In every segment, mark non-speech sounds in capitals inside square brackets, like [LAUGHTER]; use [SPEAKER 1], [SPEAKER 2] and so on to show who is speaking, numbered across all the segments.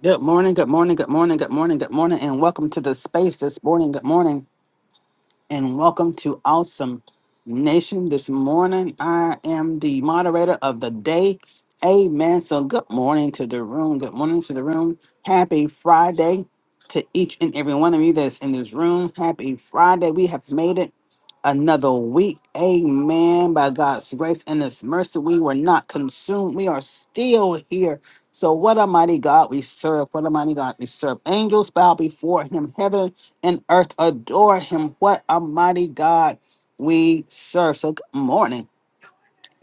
[SPEAKER 1] Good morning, good morning, good morning, good morning, good morning, and welcome to the space this morning. Good morning and welcome to Awesome Nation this morning. I am the moderator of the day. Amen. So, good morning to the room. Good morning to the room. Happy Friday to each and every one of you that's in this room. Happy Friday. We have made it another week. Amen. By God's grace and His mercy, we were not consumed. We are still here. So, what a mighty God we serve. What a mighty God we serve. Angels bow before Him. Heaven and earth adore him. What a mighty God we serve. So, good morning.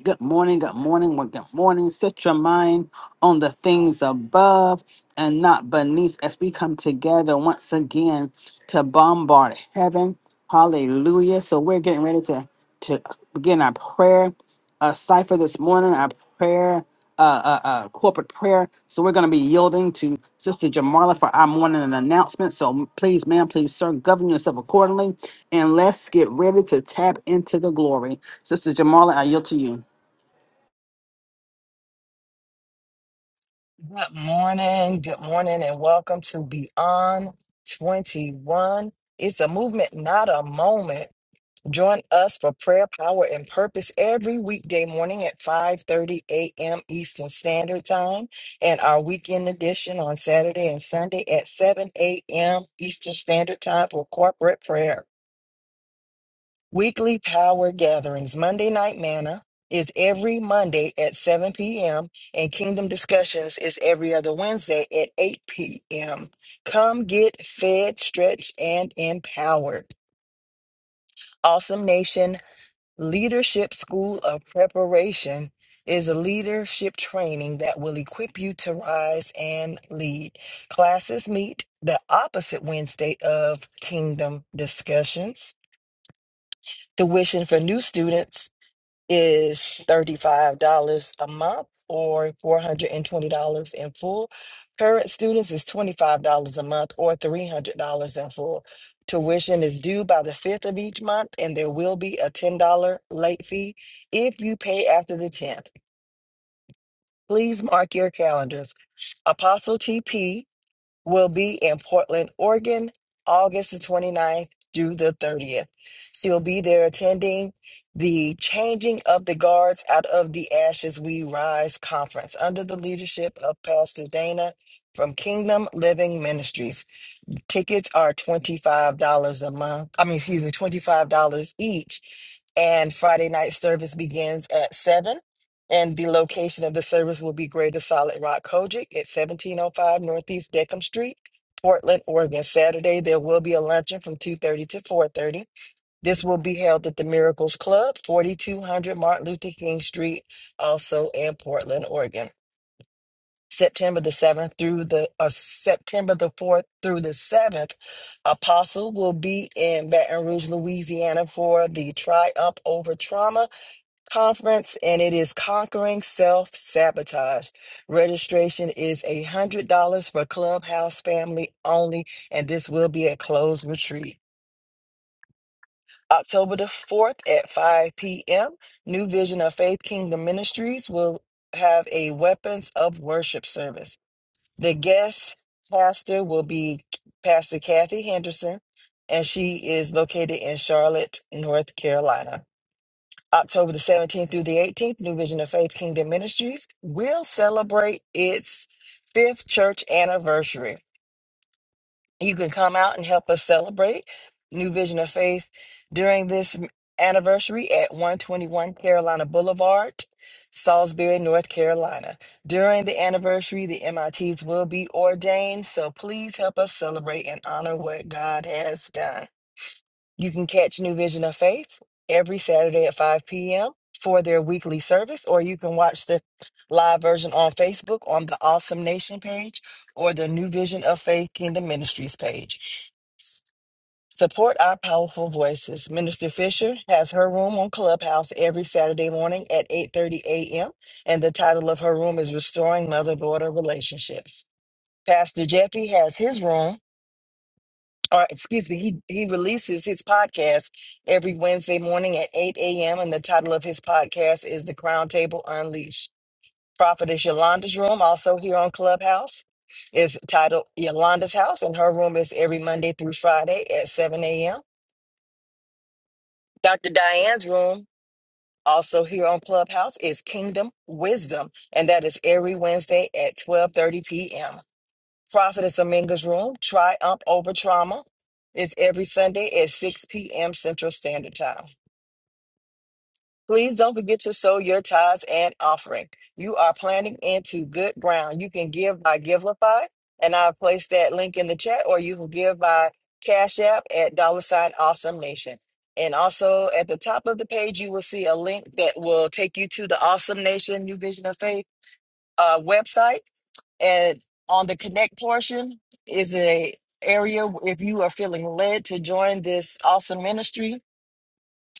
[SPEAKER 1] Good morning, good morning, well, good morning. Set your mind on the things above and not beneath as we come together once again to bombard heaven. Hallelujah. So we're getting ready to, to begin our prayer uh, cipher this morning, our prayer, uh, uh, uh, corporate prayer. So we're going to be yielding to Sister Jamarla for our morning announcement. So please, ma'am, please, sir, govern yourself accordingly. And let's get ready to tap into the glory. Sister Jamarla, I yield to you.
[SPEAKER 2] Good morning, good morning, and welcome to Beyond 21. It's a movement, not a moment. Join us for prayer, power, and purpose every weekday morning at 5:30 a.m. Eastern Standard Time, and our weekend edition on Saturday and Sunday at 7 a.m. Eastern Standard Time for corporate prayer. Weekly power gatherings. Monday Night Manna is every Monday at 7 p.m., and Kingdom Discussions is every other Wednesday at 8 p.m. Come get fed, stretched, and empowered. Awesome Nation Leadership School of Preparation is a leadership training that will equip you to rise and lead. Classes meet the opposite Wednesday of Kingdom Discussions. Tuition for new students is $35 a month or $420 in full. Current students is $25 a month or $300 in full. Tuition is due by the 5th of each month, and there will be a $10 late fee if you pay after the 10th. Please mark your calendars. Apostle TP will be in Portland, Oregon, August the 29th through the 30th. She will be there attending the Changing of the Guards Out of the Ashes We Rise conference under the leadership of Pastor Dana from Kingdom Living Ministries. Tickets are $25 a month. I mean, excuse me, $25 each. And Friday night service begins at 7. And the location of the service will be Greater Solid Rock Kojic at 1705 Northeast Deckham Street, Portland, Oregon. Saturday, there will be a luncheon from 2.30 to 4.30. This will be held at the Miracles Club, 4200 Martin Luther King Street, also in Portland, Oregon. September the 7th through the uh, September the 4th through the 7th, Apostle will be in Baton Rouge, Louisiana for the Triumph Over Trauma Conference, and it is Conquering Self Sabotage. Registration is $100 for Clubhouse family only, and this will be a closed retreat. October the 4th at 5 p.m., New Vision of Faith Kingdom Ministries will have a Weapons of Worship service. The guest pastor will be Pastor Kathy Henderson, and she is located in Charlotte, North Carolina. October the 17th through the 18th, New Vision of Faith Kingdom Ministries will celebrate its fifth church anniversary. You can come out and help us celebrate New Vision of Faith during this anniversary at 121 Carolina Boulevard, Salisbury, North Carolina. During the anniversary, the MITs will be ordained, so please help us celebrate and honor what God has done. You can catch New Vision of Faith every Saturday at 5 p.m. for their weekly service, or you can watch the live version on Facebook on the Awesome Nation page or the New Vision of Faith Kingdom Ministries page. Support our powerful voices. Minister Fisher has her room on Clubhouse every Saturday morning at 8:30 a.m. and the title of her room is Restoring Mother-Daughter Relationships. Pastor Jeffy has his room or excuse me, he, he releases his podcast every Wednesday morning at 8 a.m. And the title of his podcast is The Crown Table Unleashed. Prophetess Yolanda's room, also here on Clubhouse, is titled Yolanda's House, and her room is every Monday through Friday at 7 a.m. Dr. Diane's room, also here on Clubhouse, is Kingdom Wisdom, and that is every Wednesday at 12:30 p.m. Prophetess Aminga's Room, Triumph Over Trauma, is every Sunday at 6 p.m. Central Standard Time. Please don't forget to sow your tithes and offering. You are planting into good ground. You can give by Givelify, and I'll place that link in the chat, or you can give by Cash App at dollar sign Awesome Nation. And also at the top of the page, you will see a link that will take you to the Awesome Nation New Vision of Faith uh, website and on the connect portion is a area where if you are feeling led to join this awesome ministry,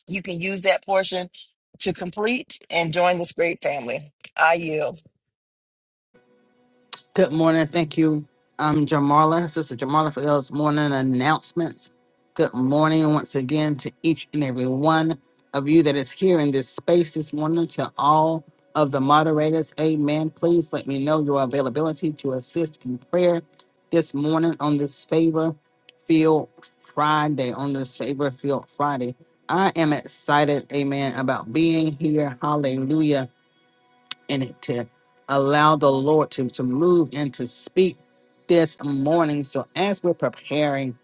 [SPEAKER 2] you can use that portion to complete and join this great family. I yield.
[SPEAKER 1] Good morning. Thank you, um, Jamala, Sister Jamala, for those morning announcements. Good morning once again to each and every one of you that is here in this space this morning, to all of the moderators. Amen. Please let me know your availability to assist in prayer this morning on this favor field Friday. On this favor field Friday. I am excited, amen, about being here. Hallelujah in it to allow the Lord to, to move and to speak this morning. So as we're preparing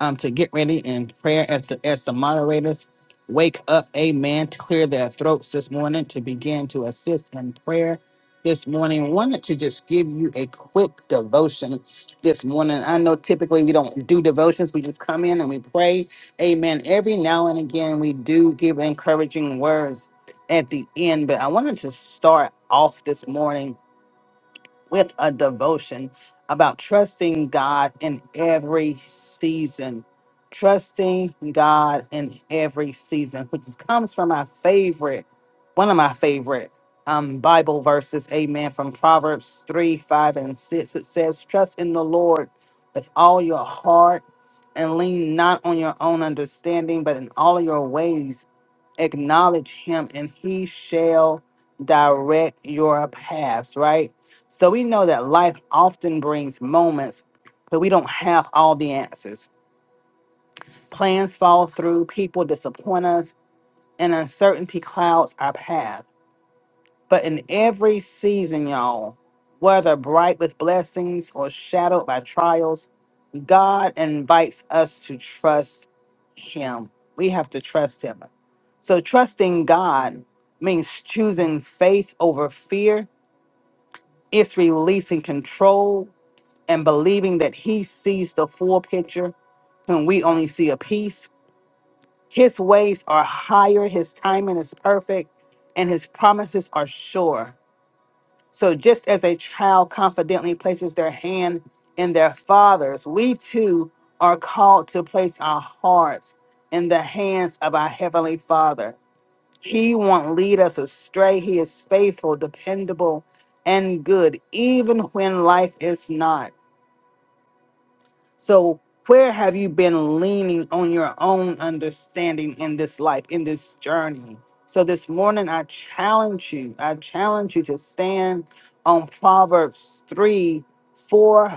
[SPEAKER 1] um to get ready in prayer as the as the moderators wake up, amen, to clear their throats this morning to begin to assist in prayer this morning. Wanted to just give you a quick devotion this morning. I know typically we don't do devotions, we just come in and we pray. Amen. Every now and again we do give encouraging words at the end, but I wanted to start off this morning with a devotion about trusting God in every season. Trusting God in every season, which is- comes from my favorite, one of my favorite um, Bible verses, amen, from Proverbs 3, 5, and 6, which says, Trust in the Lord with all your heart and lean not on your own understanding, but in all your ways acknowledge him and he shall direct your paths, right? So we know that life often brings moments that we don't have all the answers. Plans fall through, people disappoint us, and uncertainty clouds our path. But in every season, y'all, whether bright with blessings or shadowed by trials, God invites us to trust Him. We have to trust Him. So trusting God means choosing faith over fear, it's releasing control and believing that he sees the full picture when we only see a piece. His ways are higher, his timing is perfect, and his promises are sure. So, just as a child confidently places their hand in their father's, we too are called to place our hearts in the hands of our Heavenly Father. He won't lead us astray. He is faithful, dependable, and good, even when life is not. So, where have you been leaning on your own understanding in this life, in this journey? So, this morning, I challenge you, I challenge you to stand on Proverbs 3 4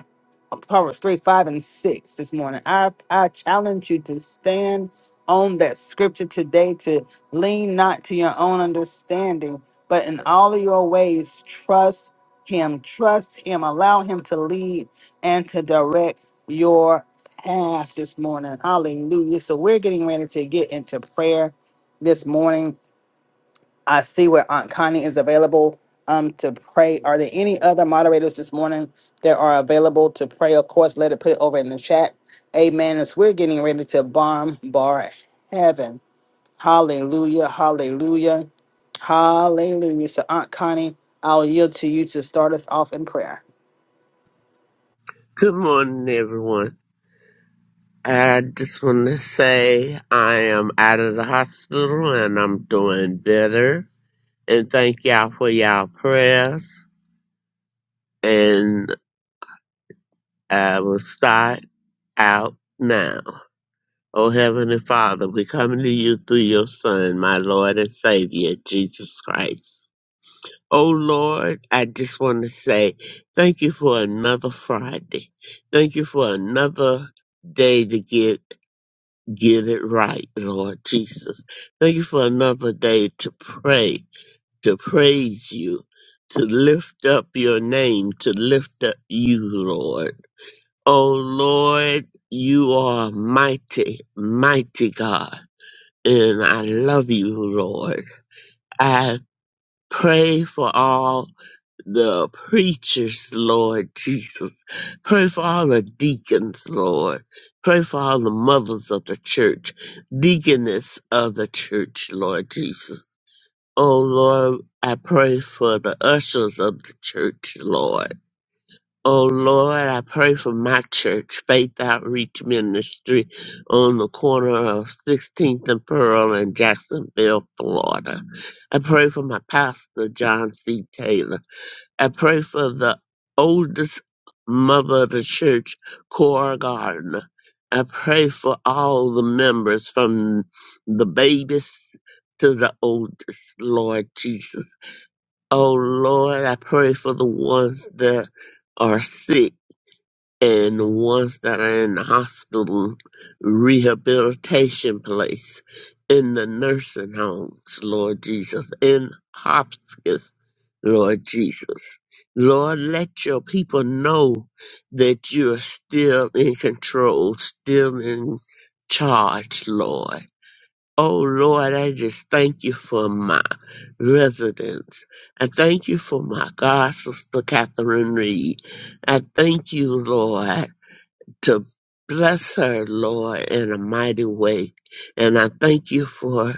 [SPEAKER 1] Proverbs 3, 5, and 6 this morning. I, I challenge you to stand on that scripture today to lean not to your own understanding, but in all of your ways, trust Him. Trust Him. Allow Him to lead and to direct your path this morning. Hallelujah. So we're getting ready to get into prayer this morning I see where Aunt Connie is available um to pray. Are there any other moderators this morning that are available to pray? Of course, let it put it over in the chat. Amen. As we're getting ready to bomb bar heaven. Hallelujah. Hallelujah. Hallelujah. So Aunt Connie, I'll yield to you to start us off in prayer.
[SPEAKER 3] Good morning, everyone. I just want to say I am out of the hospital and I'm doing better. And thank y'all for y'all prayers. And I will start out now. Oh, Heavenly Father, we come to you through your Son, my Lord and Savior, Jesus Christ. Oh, Lord, I just want to say thank you for another Friday. Thank you for another day to get Get it right, Lord Jesus. Thank you for another day to pray, to praise you, to lift up your name, to lift up you, Lord. Oh, Lord, you are mighty, mighty God. And I love you, Lord. I pray for all the preachers, Lord Jesus. Pray for all the deacons, Lord. Pray for all the mothers of the church, deaconess of the church, Lord Jesus. Oh Lord, I pray for the ushers of the church, Lord. Oh Lord, I pray for my church, Faith Outreach Ministry, on the corner of 16th and Pearl in Jacksonville, Florida. I pray for my pastor, John C. Taylor. I pray for the oldest mother of the church, Cora Gardner. I pray for all the members from the babies to the oldest, Lord Jesus. Oh Lord, I pray for the ones that are sick and ones that are in the hospital rehabilitation place, in the nursing homes, Lord Jesus, in hospice, Lord Jesus. Lord, let your people know that you are still in control, still in charge, Lord. Oh, Lord, I just thank you for my residents. I thank you for my God, Sister Catherine Reed. I thank you, Lord to bless her, Lord, in a mighty way. And I thank you for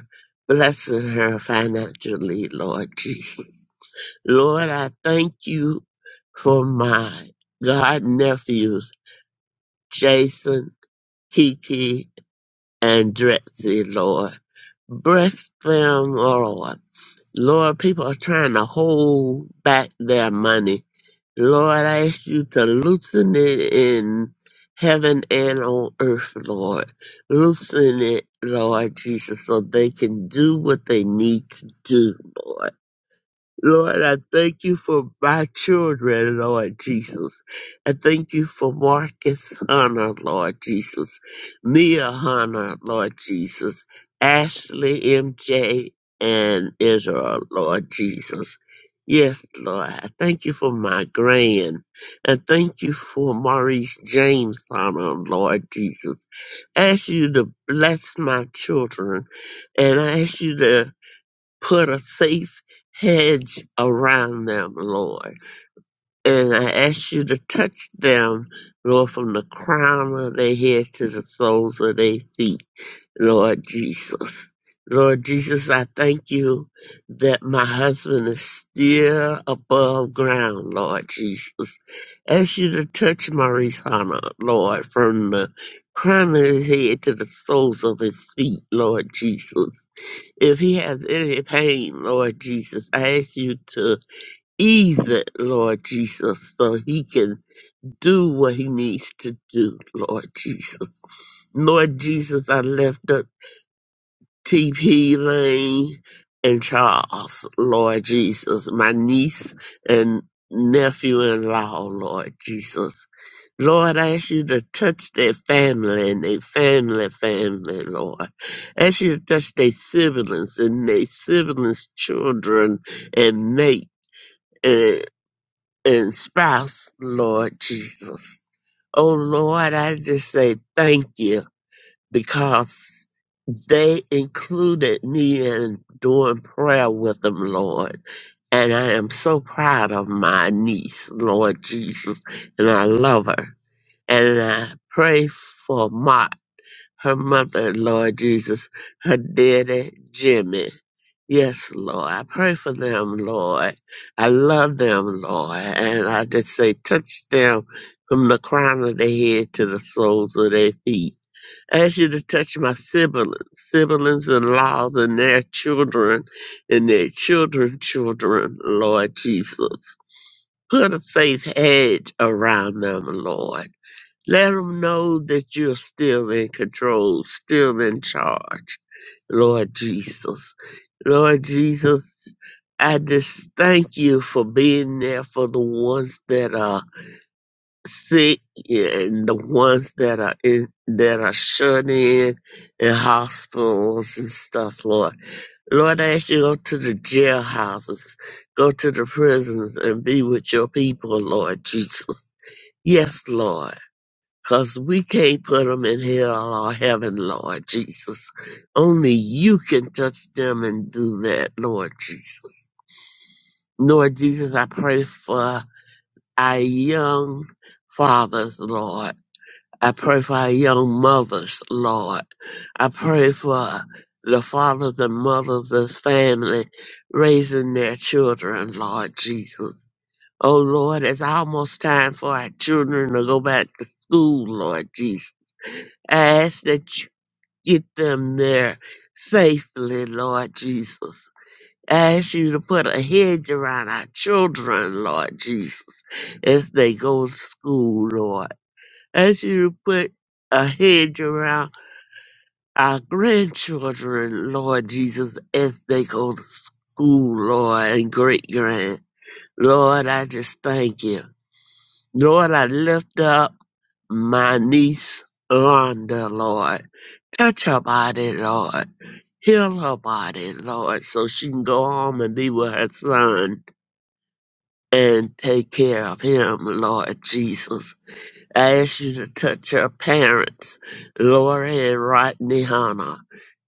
[SPEAKER 3] blessing her financially, Lord [LAUGHS] Jesus. Lord, I thank you for my God nephews, Jason, Kiki, and Drexy, Lord. Bless them, Lord Lord, people are trying to hold back their money. Lord, I ask you to loosen it in heaven and on earth, Lord. Loosen it, Lord Jesus, so they can do what they need to do, Lord. Lord, I thank you for my children, Lord Jesus. I thank you for Marcus Hunter, Lord Jesus. Mia Hunter, Lord Jesus. Ashley MJ and Israel, Lord Jesus. Yes, Lord. I thank you for my grand. I thank you for Maurice James Hunter, Lord Jesus. I ask you to bless my children and I ask you to put a safe hedge around them, Lord. And I ask you to touch them, Lord, from the crown of their head to the soles of their feet, Lord Jesus. Lord Jesus, I thank you that my husband is still above ground, Lord Jesus. Ask you to touch Maurice Hana, Lord, from the crown of his head to the soles of his feet, Lord Jesus. If he has any pain, Lord Jesus, I ask you to ease it, Lord Jesus, so he can do what he needs to do, Lord Jesus. Lord Jesus, I lift up TP Lane and Charles, Lord Jesus, my niece and nephew in law, Lord Jesus. Lord, I ask you to touch their family and their family, family, Lord. I Ask you to touch their siblings and their siblings' children and mate and, and spouse, Lord Jesus. Oh, Lord, I just say thank you because they included me in doing prayer with them, Lord. And I am so proud of my niece, Lord Jesus, and I love her and I pray for Mark, her mother, Lord Jesus, her daddy, Jimmy. Yes, Lord. I pray for them, Lord. I love them, Lord. And I just say, touch them from the crown of their head to the soles of their feet. I ask you to touch my siblings, siblings in laws and their children and their children's children, Lord Jesus. Put a faith hedge around them, Lord. Let them know that you're still in control, still in charge, Lord Jesus. Lord Jesus, I just thank you for being there for the ones that are sick and the ones that are in that are shut in in hospitals and stuff, Lord. Lord, I ask you to go to the jailhouses, go to the prisons and be with your people, Lord Jesus. Yes, Lord. Cause we can't put them in hell or heaven, Lord Jesus. Only you can touch them and do that, Lord Jesus. Lord Jesus, I pray for our young fathers, Lord. I pray for our young mothers, Lord. I pray for the fathers and mothers as family raising their children, Lord Jesus. Oh Lord, it's almost time for our children to go back to school, Lord Jesus. I ask that you get them there safely, Lord Jesus. I ask you to put a hedge around our children, Lord Jesus, as they go to school, Lord. I ask you to put a hedge around our grandchildren, Lord Jesus, as they go to school, Lord, and great grand. Lord, I just thank you. Lord, I lift up my niece, Rhonda, Lord. Touch her body, Lord. Heal her body, Lord, so she can go home and be with her son and take care of him, Lord Jesus. I ask you to touch her parents, Lori and Rodney Hanna.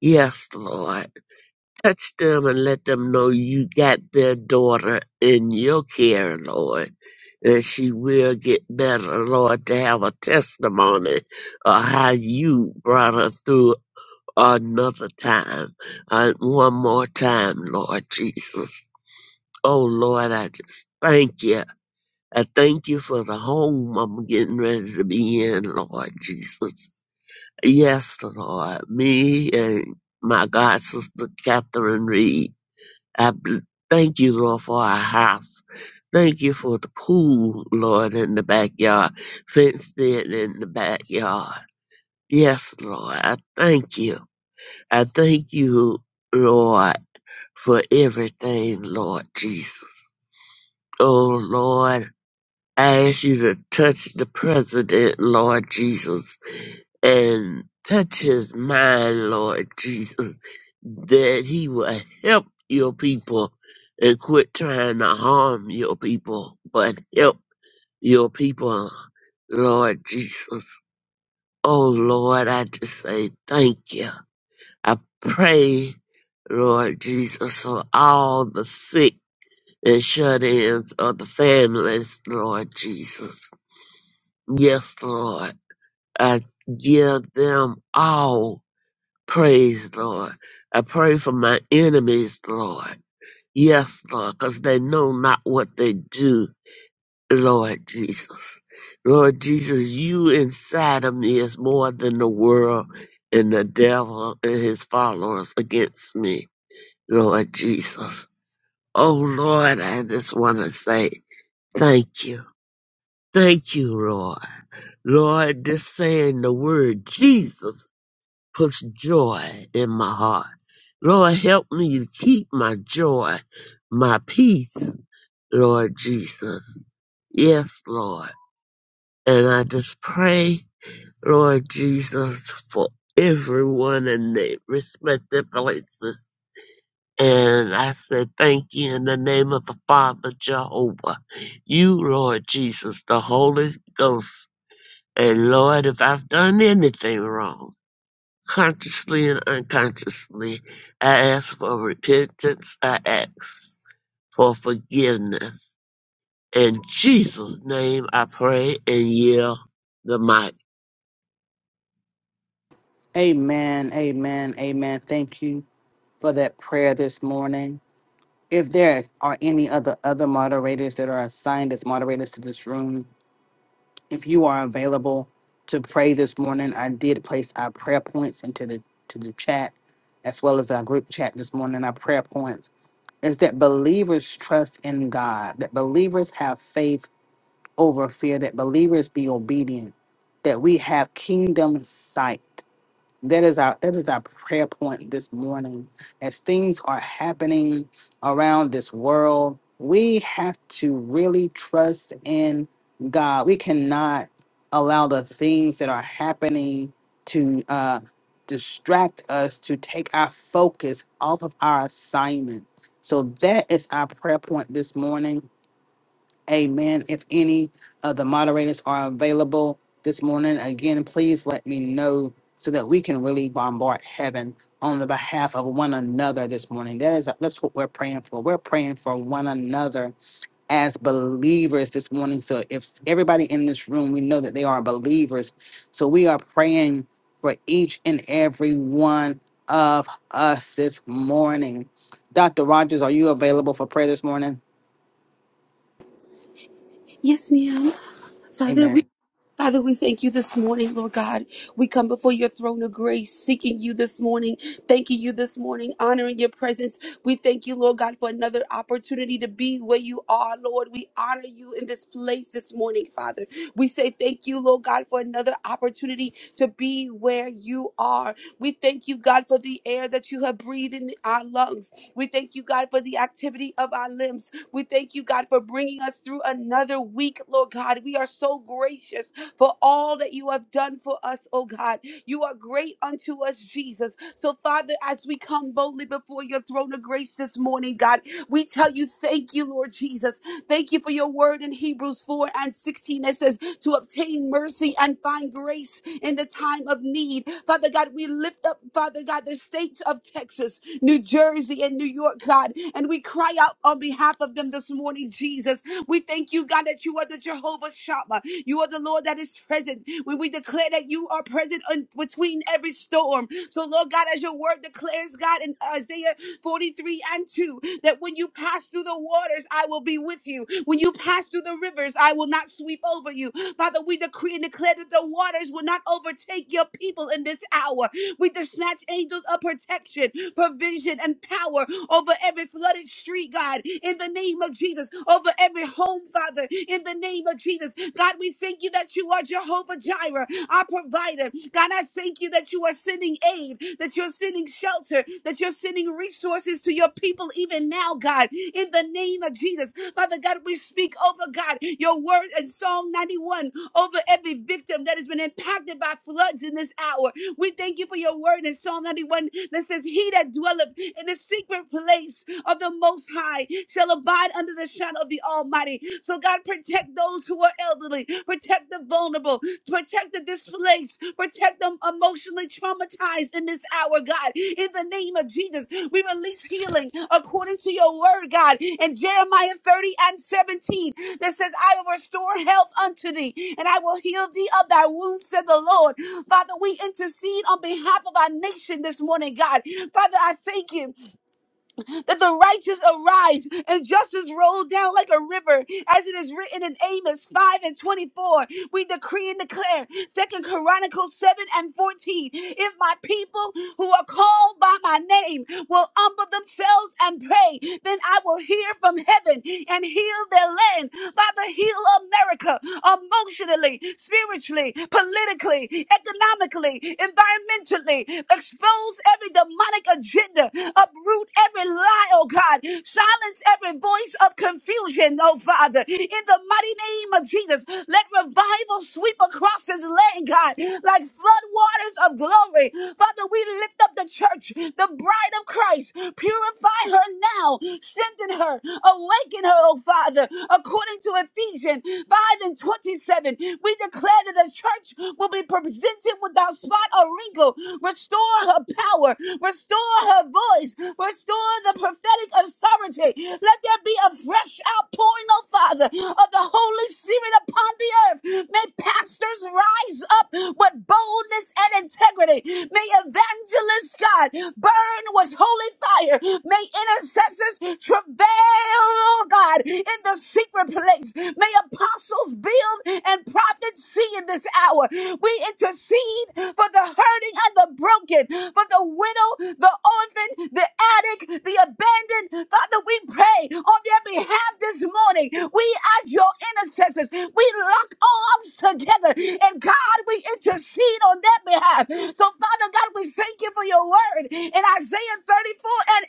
[SPEAKER 3] Yes, Lord. Touch them and let them know you got their daughter in your care, Lord. And she will get better, Lord, to have a testimony of how you brought her through another time, uh, one more time, Lord Jesus. Oh Lord, I just thank you. I thank you for the home I'm getting ready to be in, Lord Jesus. Yes, Lord, me and my God sister Catherine Reed. I bl- thank you, Lord, for our house. Thank you for the pool, Lord, in the backyard, fenced in in the backyard. Yes, Lord, I thank you. I thank you, Lord, for everything, Lord Jesus. Oh, Lord, I ask you to touch the president, Lord Jesus, and touch his mind, Lord Jesus, that he will help your people and quit trying to harm your people, but help your people, Lord Jesus. Oh, Lord, I just say thank you. I pray, Lord Jesus, for all the sick and shut ins of the families, Lord Jesus. Yes, Lord. I give them all praise, Lord. I pray for my enemies, Lord. Yes, Lord, because they know not what they do, Lord Jesus. Lord Jesus, you inside of me is more than the world and the devil and his followers against me. Lord Jesus. Oh Lord, I just want to say thank you. Thank you, Lord. Lord, just saying the word Jesus puts joy in my heart. Lord, help me to keep my joy, my peace, Lord Jesus. Yes, Lord. And I just pray, Lord Jesus, for everyone in their respective places And I said, Thank you in the name of the Father Jehovah, you, Lord Jesus, the Holy Ghost. And Lord, if I've done anything wrong, consciously and unconsciously, I ask for repentance. I ask for forgiveness. In Jesus' name, I pray and yield the mic.
[SPEAKER 1] Amen. Amen. Amen. Thank you for that prayer this morning. If there are any other other moderators that are assigned as moderators to this room, if you are available to pray this morning, I did place our prayer points into the to the chat as well as our group chat this morning. Our prayer points is that believers trust in God, that believers have faith over fear, that believers be obedient, that we have kingdom sight, that is our that is our prayer point this morning as things are happening around this world we have to really trust in god we cannot allow the things that are happening to uh, distract us to take our focus off of our assignment so that is our prayer point this morning Amen. If any of the moderators are available this morning, again, please let me know so that we can really bombard heaven on the behalf of one another this morning. That is that's what we're praying for. We're praying for one another as believers this morning. So if everybody in this room, we know that they are believers. So we are praying for each and every one of us this morning. Dr. Rogers, are you available for prayer this morning?
[SPEAKER 4] Yes, ma'am. Father,
[SPEAKER 1] Amen.
[SPEAKER 4] We. Father, we thank you this morning, Lord God. We come before your throne of grace, seeking you this morning, thanking you this morning, honoring your presence. We thank you, Lord God, for another opportunity to be where you are, Lord. We honor you in this place this morning, Father. We say thank you, Lord God, for another opportunity to be where you are. We thank you, God, for the air that you have breathed in our lungs. We thank you, God, for the activity of our limbs. We thank you, God, for bringing us through another week, Lord God. We are so gracious for all that you have done for us, oh God. You are great unto us, Jesus. So, Father, as we come boldly before your throne of grace this morning, God, we tell you thank you, Lord Jesus. Thank you for your word in Hebrews 4 and 16 that says to obtain mercy and find grace in the time of need. Father God, we lift up, Father God, the states of Texas, New Jersey, and New York, God, and we cry out on behalf of them this morning, Jesus. We thank you, God, that you are the Jehovah Shammah. You are the Lord that is present. When we declare that that you are present in between every storm. So, Lord God, as your word declares, God, in Isaiah 43 and 2, that when you pass through the waters, I will be with you. When you pass through the rivers, I will not sweep over you. Father, we decree and declare that the waters will not overtake your people in this hour. We dispatch angels of protection, provision, and power over every flooded street, God, in the name of Jesus, over every home, Father, in the name of Jesus Jesus. God, we thank you that you are Jehovah Jireh, our provider. God, I thank you that you are sending aid, that you're sending shelter, that you're sending resources to your people even now, God, in the name of Jesus. Father God, we speak over God, your word in Psalm 91 over every victim that has been impacted by floods in this hour. We thank you for your word in Psalm 91 that says, He that dwelleth in the secret place of the Most High shall abide hide under the shadow of the Almighty. So, God, protect those who are elderly, protect the vulnerable, protect the displaced, protect them emotionally traumatized in this hour, God. In the name of Jesus, we release healing according to your word, God. In Jeremiah 30 and 17, that says, I will restore health unto thee, and I will heal thee of thy wounds, said the Lord. Father, we intercede on behalf of our nation this morning, God. Father, I thank you that the righteous arise and justice roll down like a river, as it is written in Amos 5 and 24. We decree and declare, Second Chronicles 7 and 14. If my people who are called by my name will humble themselves and pray, then I will hear from heaven and heal their land. Father, heal America emotionally, spiritually, politically, economically, environmentally. Expose every every demonic agenda, uproot every lie, oh God, silence every voice of confusion, oh Father, in the mighty name of Jesus. Let revival sweep across this land, God, like flood waters of glory. Father, we lift up the church, the bride of Christ. Purify her now, strengthen her, awaken her, oh Father, according to Ephesians 5 and 27. We declare that the church will be presented without without spot or wrinkle. Restore her power. Restore her voice. Restore the prophetic authority. Let there be a fresh outpouring, oh Father, of the Holy Spirit upon the earth. May pastors rise up with boldness and integrity. May evangelists, God, burn with holy fire. May intercessors travail, oh God, in the secret place. May apostles build and prophets see in this hour. We intercede for the hurting and the broken, for the widow, the orphan, the addict, the abandoned. Father, we pray on their behalf this morning. We, as your intercessors, we lock arms together and God, we intercede on their behalf. So, Father God, we thank you for your word in Isaiah 34 and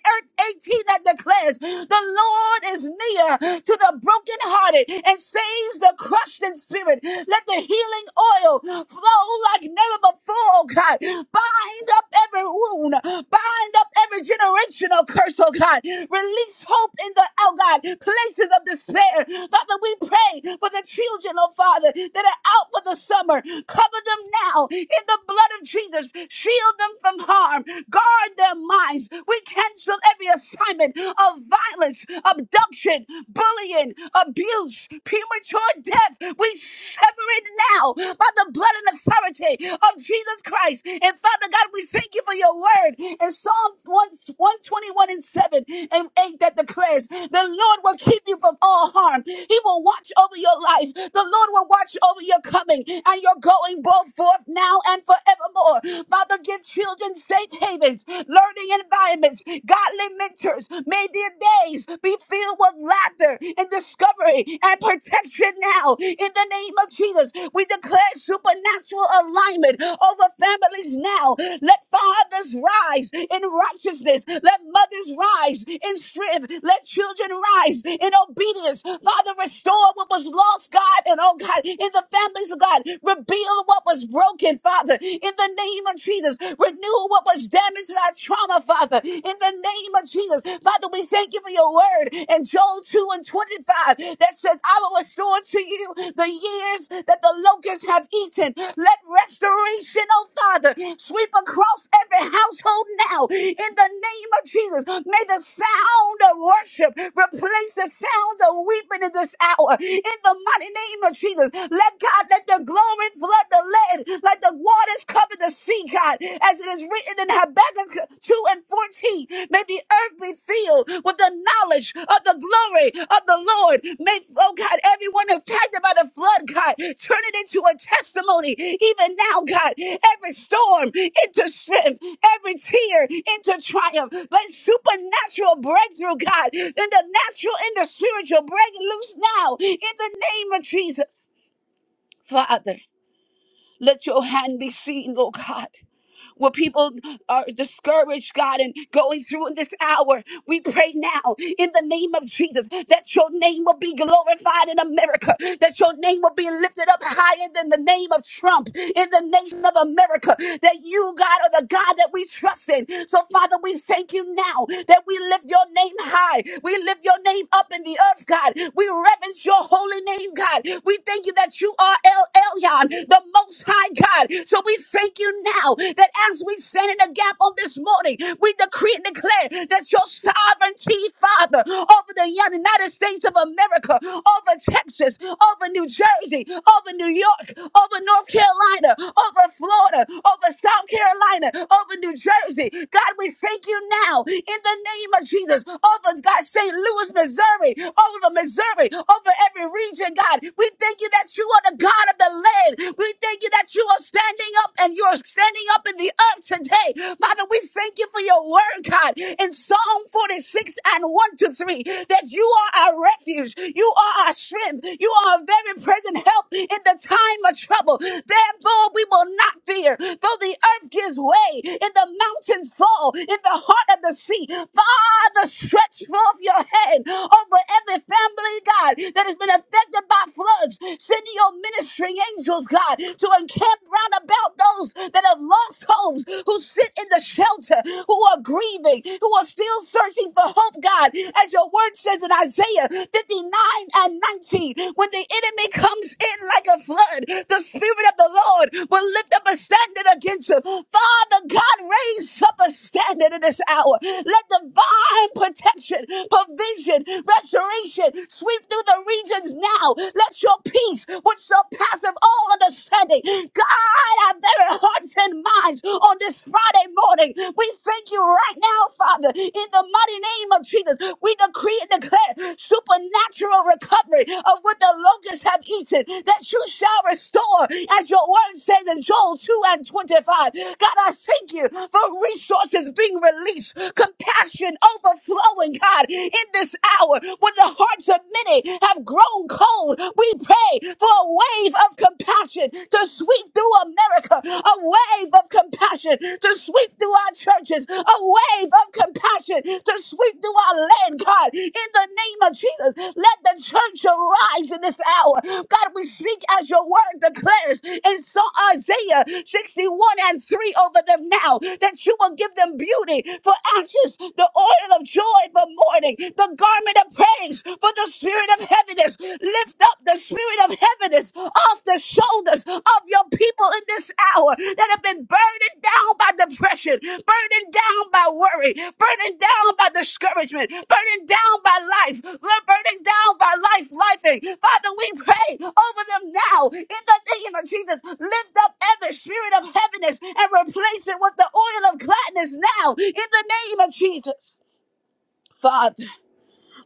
[SPEAKER 4] 18 that declares the Lord is near to the brokenhearted and saves the crushed in spirit. Let the healing oil flow like never before, oh God. Bind up every wound, bind up every generational curse, oh God. Release hope in the, oh God, places of despair. Father, we pray for the children, oh Father, that are out for the summer. Cover them now in the blood of Jesus. Shield them from harm. Guard their minds. We cancel every assignment of violence, abduction, bullying, abuse, premature death. We sever it now by the blood and authority of Jesus Christ. And Father God, we thank you for your word in Psalm 1 121 and 7 and 8 that declares, The Lord will keep you from all harm. He will watch over your life. The Lord will watch over your coming and your going both forth now and forevermore. Father, give children safe havens, learning environments, friends, godly mentors. May their days be filled with laughter and discovery and protection now. In the name of Jesus, we declare supernatural alignment over families now. Let fathers rise in righteousness. Let mothers rise in strength. Let children rise in obedience. Father, restore what was lost, God, and oh God, in the families of God. Rebuild what was broken, Father, in the name of Jesus renew what was damaged in our trauma, Father, in the name of Jesus. Father, we thank you for your word in Joel 2 and 25 that says, I will restore to you the years that the locusts have eaten. Let restoration, oh Father, sweep across every household now in the name of Jesus. May the sound of worship replace the sounds of weeping in this hour in the mighty name of Jesus. Let God let the glory flood the land like the waters cover the sea, God, as it is written in Habakkuk 2 and 14. May the earth be filled with the knowledge of the glory of the Lord. May, oh God, everyone impacted by the flood, God, turn it into a testimony. Even now, God, every storm into strength, every tear into triumph. Let supernatural breakthrough, God, in the natural and the spiritual break loose now in the name of Jesus. Father. Let your hand be seen, oh God where people are discouraged, God, and going through in this hour. We pray now in the name of Jesus that your name will be glorified in America, that your name will be lifted up higher than the name of Trump in the nation of America, that you, God, are the God that we trust in. So, Father, we thank you now that we lift your name high. We lift your name up in the earth, God. We reverence your holy name, God. We thank you that you are El Elyon, the most high God. So but we thank you now that as we stand in the gap on this morning, we decree and declare that your sovereignty, Father, over the United States of America, over Texas, over New Jersey, over New York, over North Carolina, over Florida, over South Carolina, over New Jersey. God, we thank you now in the name of Jesus, over God, St. Louis, Missouri, over Missouri, over every region, God. We thank you that you are the God of the land. We thank you that you are standing up and you're standing up in the earth today. Father, we thank you for your word, God, in Psalm 46 and 1 to 3, that you are our refuge, you are our strength, you are a very present help in the time of trouble. Therefore, we will not fear, though the earth gives way, and the mountains fall, in the heart of the sea. Father, stretch forth your hand over every family, God, that has been affected by floods. Send Send your ministering angels, God, to encamp round about those that have lost homes, who sit in the shelter, who are grieving, who are still searching for hope, God. As your word says in Isaiah 59 and 19, when the enemy comes in like a flood, the Spirit of the Lord will lift up a standard against him. Father God, raise up a standard in this hour. Let divine protection, provision, restoration sweep through the regions is now. Let your peace, which surpasses all understanding, guide our very hearts and minds on this Friday morning. We thank you right now, Father, in the mighty name of Jesus. We decree and declare supernatural recovery of what the locusts have eaten, that you shall restore, as your word says in Joel 2 and 25. God, I thank you for resources being released, compassion overflowing, God, in this hour when the heart hearts of many have grown cold. We pray for a wave of compassion to sweep through America, a wave of compassion to sweep through our churches, a wave of compassion to sweep through our land, God. In the name of Jesus, let the church arise in this hour. God, we speak as your word declares in so Isaiah 61 and 3 over them now that you will give them beauty for ashes, the oil of joy for mourning, the garment of praise for the spirit of heaviness. Lift up the spirit of heaviness off the shoulders of your people in this hour that have been burdened down by depression, burdened down by worry, burdened down by discouragement, burdened down by life, burdened down by life, lifing. Father, we pray over them now in the name of Jesus. Lift up every spirit of heaviness and replace it with the oil of gladness now in the name of Jesus. Father.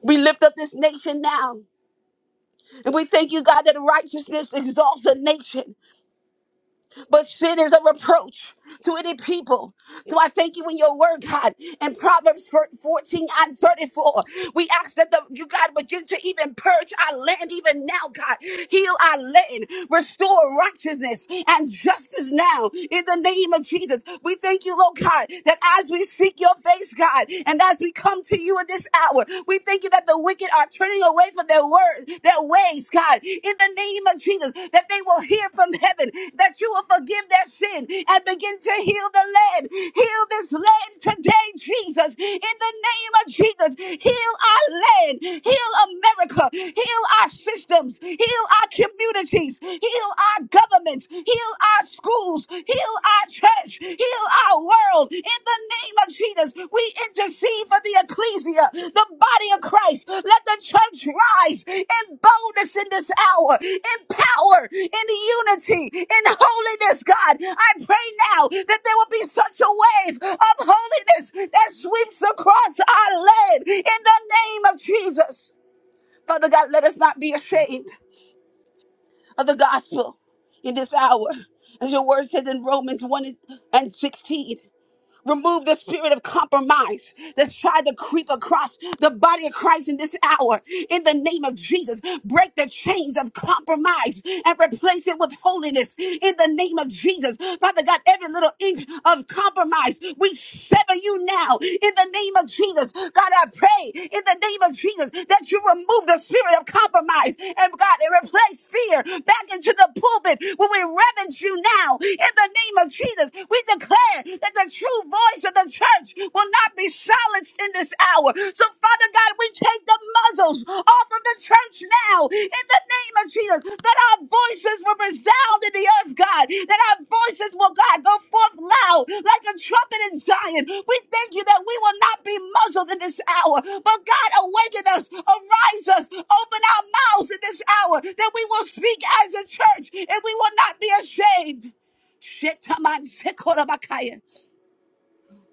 [SPEAKER 4] We lift up this nation now. And we thank you, God, that righteousness exalts a nation, but sin is a reproach to any people. So I thank you in your word, God. In Proverbs 14 and 34, we ask that the, you, God, begin to even purge our land even now, God. Heal our land. Restore righteousness and justice now in the name of Jesus. We thank you, Lord God, that as we seek your face, God, and as we come to you in this hour, we thank you you that the wicked are turning away from their words, their ways, God, in the name of Jesus, that they will hear from heaven, that you will forgive their sin and begin to heal the land. Heal this land today, Jesus, in the name of Jesus. Heal our land, heal America, heal our systems, heal our communities, heal our governments, heal our schools, Heal Heal our church. Heal our world. In the name of Jesus, we intercede for the ecclesia, the body of Christ. Let the church rise in boldness in this hour, in power, in unity, in holiness, God. I pray now that there will be such a wave of holiness that sweeps across our land in the name of Jesus. Father God, let us not be ashamed of the gospel in this hour. As your word says in Romans 1 and 16, Remove the spirit of compromise that's tried to creep across the body of Christ in this hour. In the name of Jesus, break the chains of compromise and replace it with holiness. In the name of Jesus, Father God, every little inch of compromise, we sever you now. In the name of Jesus, God, I pray in the name of Jesus that you remove the spirit of compromise and God, and replace fear back into the pulpit when we reverence you now. In the name of Jesus, we declare that the true voice of the church will not be silenced in this hour. So, Father God, we take the muzzles off of the church now in the name of Jesus. That our voices will resound in the earth, God. That our voices will, God, go forth loud like a trumpet in Zion. We thank you that we will not be muzzled in this hour. But God, awaken us, arise us, open our mouths in this hour that we will speak as a church and we will not be ashamed. Shetaman Sekorabakaya.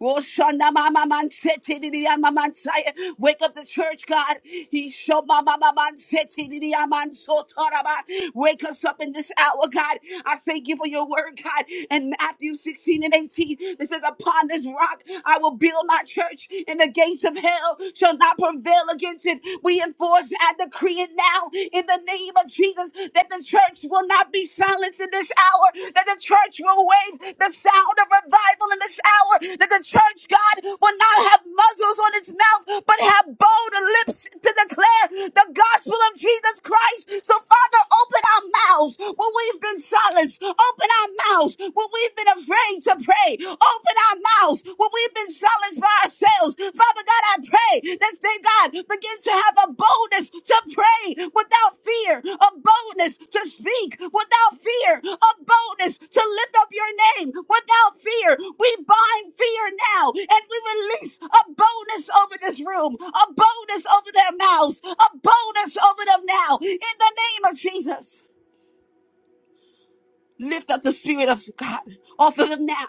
[SPEAKER 4] Oh, Shanda Mama Man Seti Didia Mama Saya. Wake up the church, God. He show Mama Man Seti Didia Man Sotoraba. Wake us up in this hour, God. I thank you for your word, God. And Matthew 16 and 18, it says, Upon this rock I will build my church, and the gates of hell shall not prevail against it. We enforce and decree it now in the name of Jesus. Jesus, that the church will not be silenced in this hour, that the church will wave the sound of revival in this hour, that the church, God, will not have muzzles on its mouth, but have bold lips to declare the gospel of Jesus Christ. So, Father, open our mouths when we've been silenced, open our mouths when we've been afraid to pray, open our mouths when we've been silenced challenged by ourselves. Father God, I pray that they, God, begin to have a boldness to pray without fear, a boldness to speak without fear, a boldness to lift up your name without fear. We bind fear now and we release a boldness over this room, a boldness over their mouths, a boldness over them now in the name of Jesus lift up the spirit of God off of them now.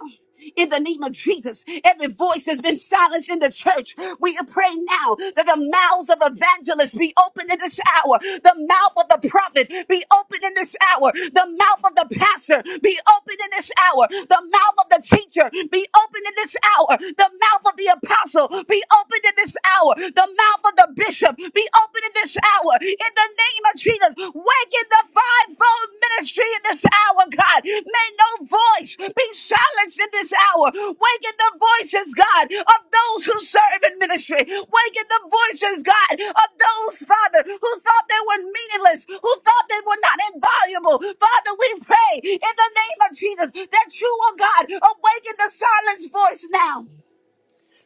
[SPEAKER 4] In the name of Jesus, every voice has been silenced in the church. We pray now that the mouths of evangelists be open in this hour. The mouth of the prophet be open in this hour. The mouth of the pastor be open in this hour. The mouth of the teacher be open in this hour. The mouth of the apostle be open in this hour. The mouth of the bishop be open in this this hour in the name of Jesus. Waken the fivefold ministry in this hour, God. May no voice be silenced in this hour. Waken the voices, God, of those who serve in ministry. Waken the voices, God, of those, Father, who thought they were meaningless, who thought they were not invaluable. Father, we pray in the name of Jesus that you, oh God, awaken the silenced voice now.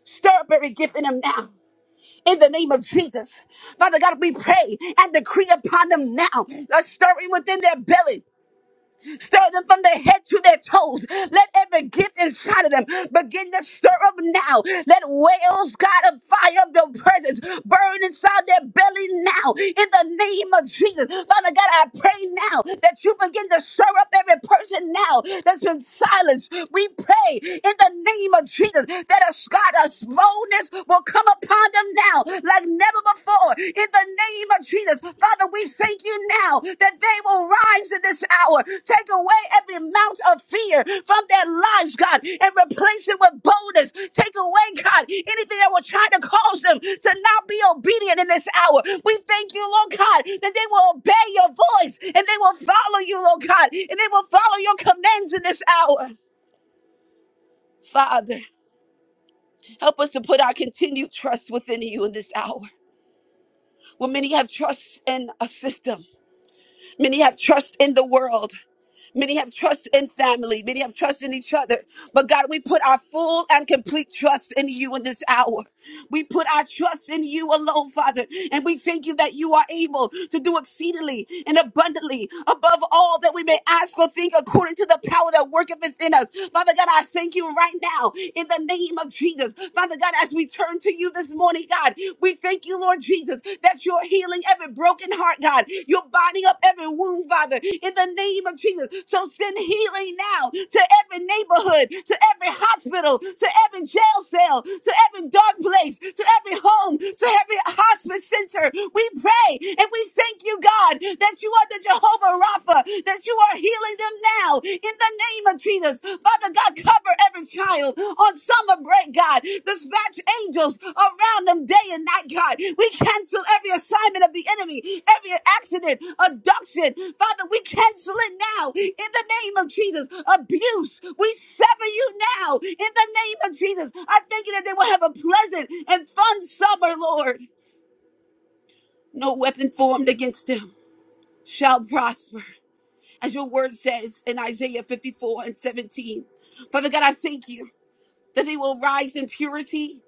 [SPEAKER 4] Stir up every gift in them now in the name of Jesus. Father God, we pray and decree upon them now. Let stirring within their belly. Stir them from their head to their toes. Let every gift inside of them begin to stir up now. Let whales, God, of fire of your presence burn inside their belly now. In the name of Jesus. Father God, I pray now that you begin to stir up every person now that's been silenced. We pray in the name of Jesus that a, God, a boldness will come upon them now like never before in the name of Jesus. Father, we thank you now that they will rise in this hour. Take away every mount of fear from their lives, God, and replace it with boldness. Take away, God, anything that will try to cause them to not be obedient in this hour. We thank you, Lord God, that they will obey your voice and they will follow you, Lord God, and they will follow your commands in this hour. Father, help us to put our continued trust within you in this hour. When many have trust in a system, Many have trust in the world. Many have trust in family. Many have trust in each other. But God, we put our full and complete trust in you in this hour. We put our trust in you alone, Father. And we thank you that you are able to do exceedingly and abundantly above all that we may ask or think according to the power that worketh within us. Father God, I thank you right now in the name of Jesus. Father God, as we turn to you this morning, God. God. We thank you, Lord Jesus, that you're healing every broken heart, God. You're binding up every wound, Father, in the name of Jesus. So send healing now to every neighborhood, to every hospital, to every jail cell, to every dark place, to every home, to every hospice center. We pray and we thank you, God, that you are the Jehovah Rapha, that you are healing them now in the name of Jesus. Father God, cover every child on summer break, God. Dispatch angels around them day and night, God. We cancel every assignment of the enemy, every accident, abduction. Father, we cancel it now in the name of Jesus. Abuse, we sever you now in the name of Jesus. I thank you that they will have a pleasant and fun summer, Lord. No weapon formed against them shall prosper as your word says in Isaiah 54 and 17. Father God, I thank you that they will rise in purity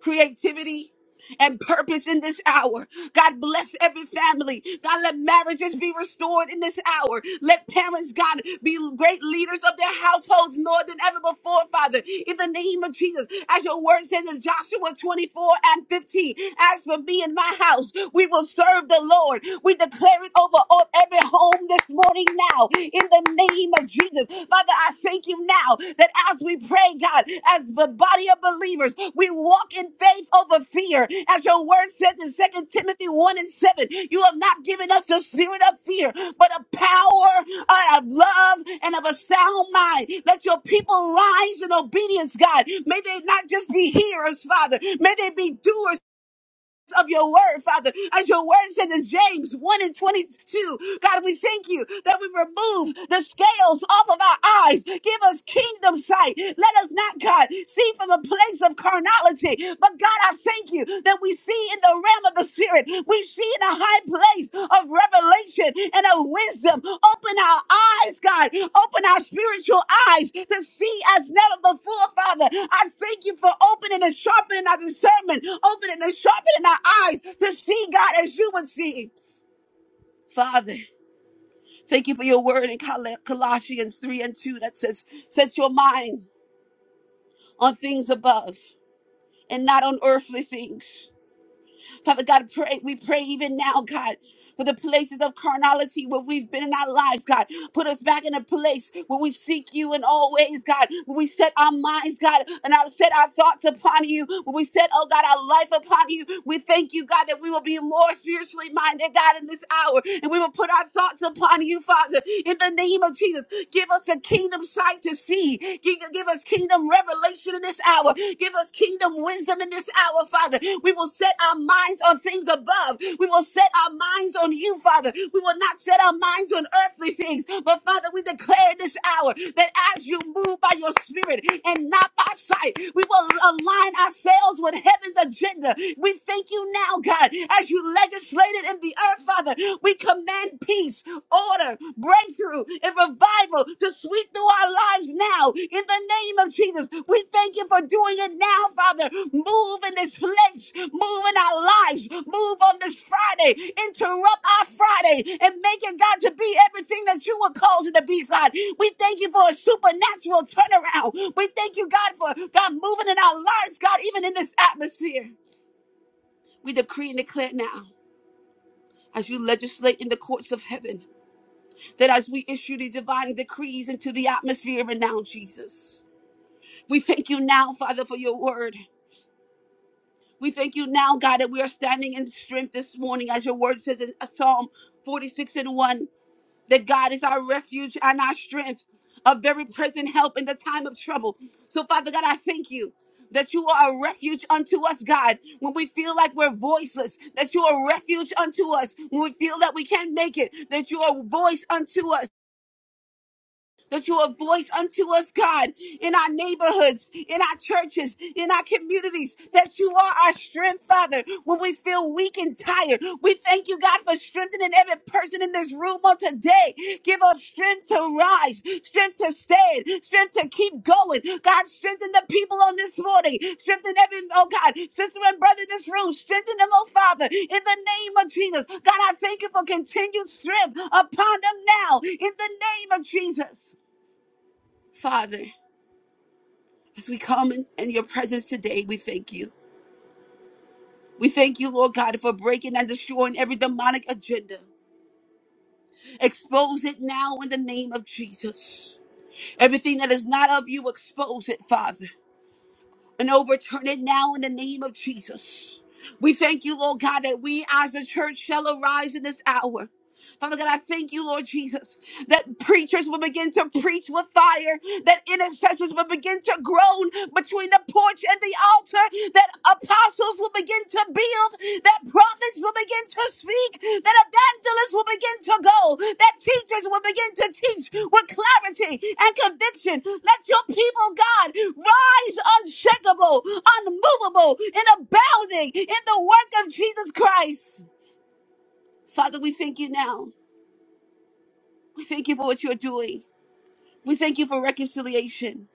[SPEAKER 4] creativity, and purpose in this hour. God bless every family. God, let marriages be restored in this hour. Let parents, God, be great leaders of their households more than ever before, Father. In the name of Jesus, as your word says in Joshua 24 and 15, as for me and my house, we will serve the Lord. We declare it over all- every home this morning now. In the name name of Jesus. Father, I thank you now that as we pray, God, as the body of believers, we walk in faith over fear. As your word says in Second Timothy 1 and 7, you have not given us the spirit of fear, but of power, uh, of love, and of a sound mind. Let your people rise in obedience, God. May they not just be hearers, Father. May they be doers of your word, Father. As your word says in James 1 and 22, God, we thank you that we remove the scales off of our eyes. Give us kingdom sight. Let us not, God, see from a place of carnality. But God, I thank you that we see in the realm of the spirit. We see in a high place of revelation and of wisdom. Open our eyes, God. Open our spiritual eyes to see as never before, Father. I thank you for opening and sharpening our discernment, opening and sharpening our eyes to see, God, as you would see. Father, thank you for your word in Col- Colossians 3 and 2 that says, Set your mind on things above and not on earthly things. Father God, pray, we pray even now, God, for the places of carnality where we've been in our lives, God. Put us back in a place where we seek you in all ways, God. Where we set our minds, God, and I set our thoughts upon you. Where we set, oh God, our life upon you. We thank you, God, that we will be more spiritually minded, God, in this hour. And we will put our thoughts upon you, Father, in the name of Jesus. Give us a kingdom sight to see. Give, give us kingdom revelation in this hour. Give us kingdom wisdom in this hour, Father. We will set our minds on things above. We will set our minds on you, Father. We will not set our minds on earthly things. But Father, we declare in this hour that as you move by your spirit and not by sight, we will align ourselves with heaven's agenda. We thank you now, God, as you legislated in the earth, Father. We command peace order, breakthrough, and revival to sweep through our lives now. In the name of Jesus, we thank you for doing it now, Father. Move in this place, move in our lives, move on this Friday, interrupt our Friday, and make it, God, to be everything that you were called it to be, God. We thank you for a supernatural turnaround. We thank you, God, for God moving in our lives, God, even in this atmosphere. We decree and declare now as you legislate in the courts of heaven that as we issue these divine decrees into the atmosphere and now, Jesus, we thank you now, Father, for your word. We thank you now, God, that we are standing in strength this morning, as your word says in Psalm 46 and 1, that God is our refuge and our strength, a very present help in the time of trouble. So, Father God, I thank you that you are a refuge unto us, God, when we feel like we're voiceless, that you are a refuge unto us, when we feel that we can't make it, that you are a voice unto us that you're a voice unto us, God, in our neighborhoods, in our churches, in our communities, that you are our strength, Father, when we feel weak and tired. We thank you, God, for strengthening every person in this room on today. Give us strength to rise, strength to stand, strength to keep going. God, strengthen the people on this morning. Strengthen every, oh God, sister and brother in this room. Strengthen them, oh Father, in the name of Jesus. God, I thank you for continued strength upon them now, in the name of Jesus. Father, as we come in, in your presence today, we thank you. We thank you, Lord God, for breaking and destroying every demonic agenda. Expose it now in the name of Jesus. Everything that is not of you, expose it, Father, and overturn it now in the name of Jesus. We thank you, Lord God, that we as a church shall arise in this hour Father God, I thank you, Lord Jesus, that preachers will begin to preach with fire, that intercessors will begin to groan between the porch and the altar, that apostles will begin to build, that prophets will begin to speak, that evangelists will begin to go, that teachers will begin to teach with clarity and conviction. Let your people, God, rise unshakable, unmovable, and abounding in the work of Jesus Christ. Father, we thank you now. We thank you for what you're doing. We thank you for reconciliation.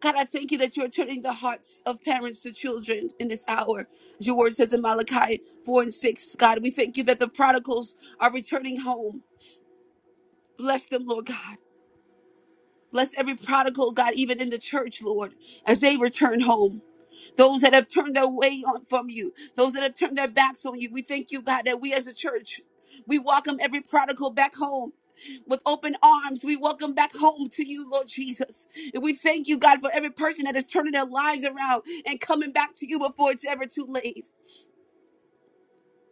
[SPEAKER 4] God, I thank you that you're turning the hearts of parents to children in this hour. As Your word says in Malachi 4 and 6. God, we thank you that the prodigals are returning home. Bless them, Lord God. Bless every prodigal, God, even in the church, Lord, as they return home. those that have turned their way on from you, those that have turned their backs on you. We thank you, God, that we as a church, we welcome every prodigal back home. With open arms, we welcome back home to you, Lord Jesus. And we thank you, God, for every person that is turning their lives around and coming back to you before it's ever too late.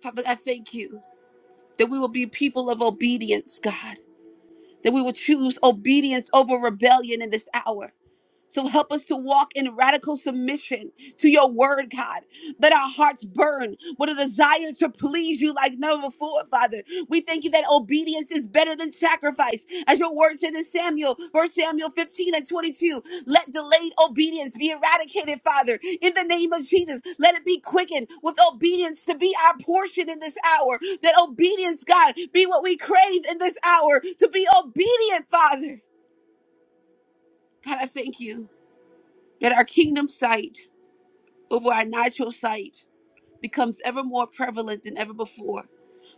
[SPEAKER 4] Father, I thank you that we will be people of obedience, God, that we will choose obedience over rebellion in this hour So help us to walk in radical submission to your word, God. Let our hearts burn with a desire to please you like never before, Father. We thank you that obedience is better than sacrifice. As your word said in Samuel, 1 Samuel 15 and 22, let delayed obedience be eradicated, Father, in the name of Jesus. Let it be quickened with obedience to be our portion in this hour. That obedience, God, be what we crave in this hour to be obedient, Father. God, I thank you. That our kingdom sight over our natural sight becomes ever more prevalent than ever before.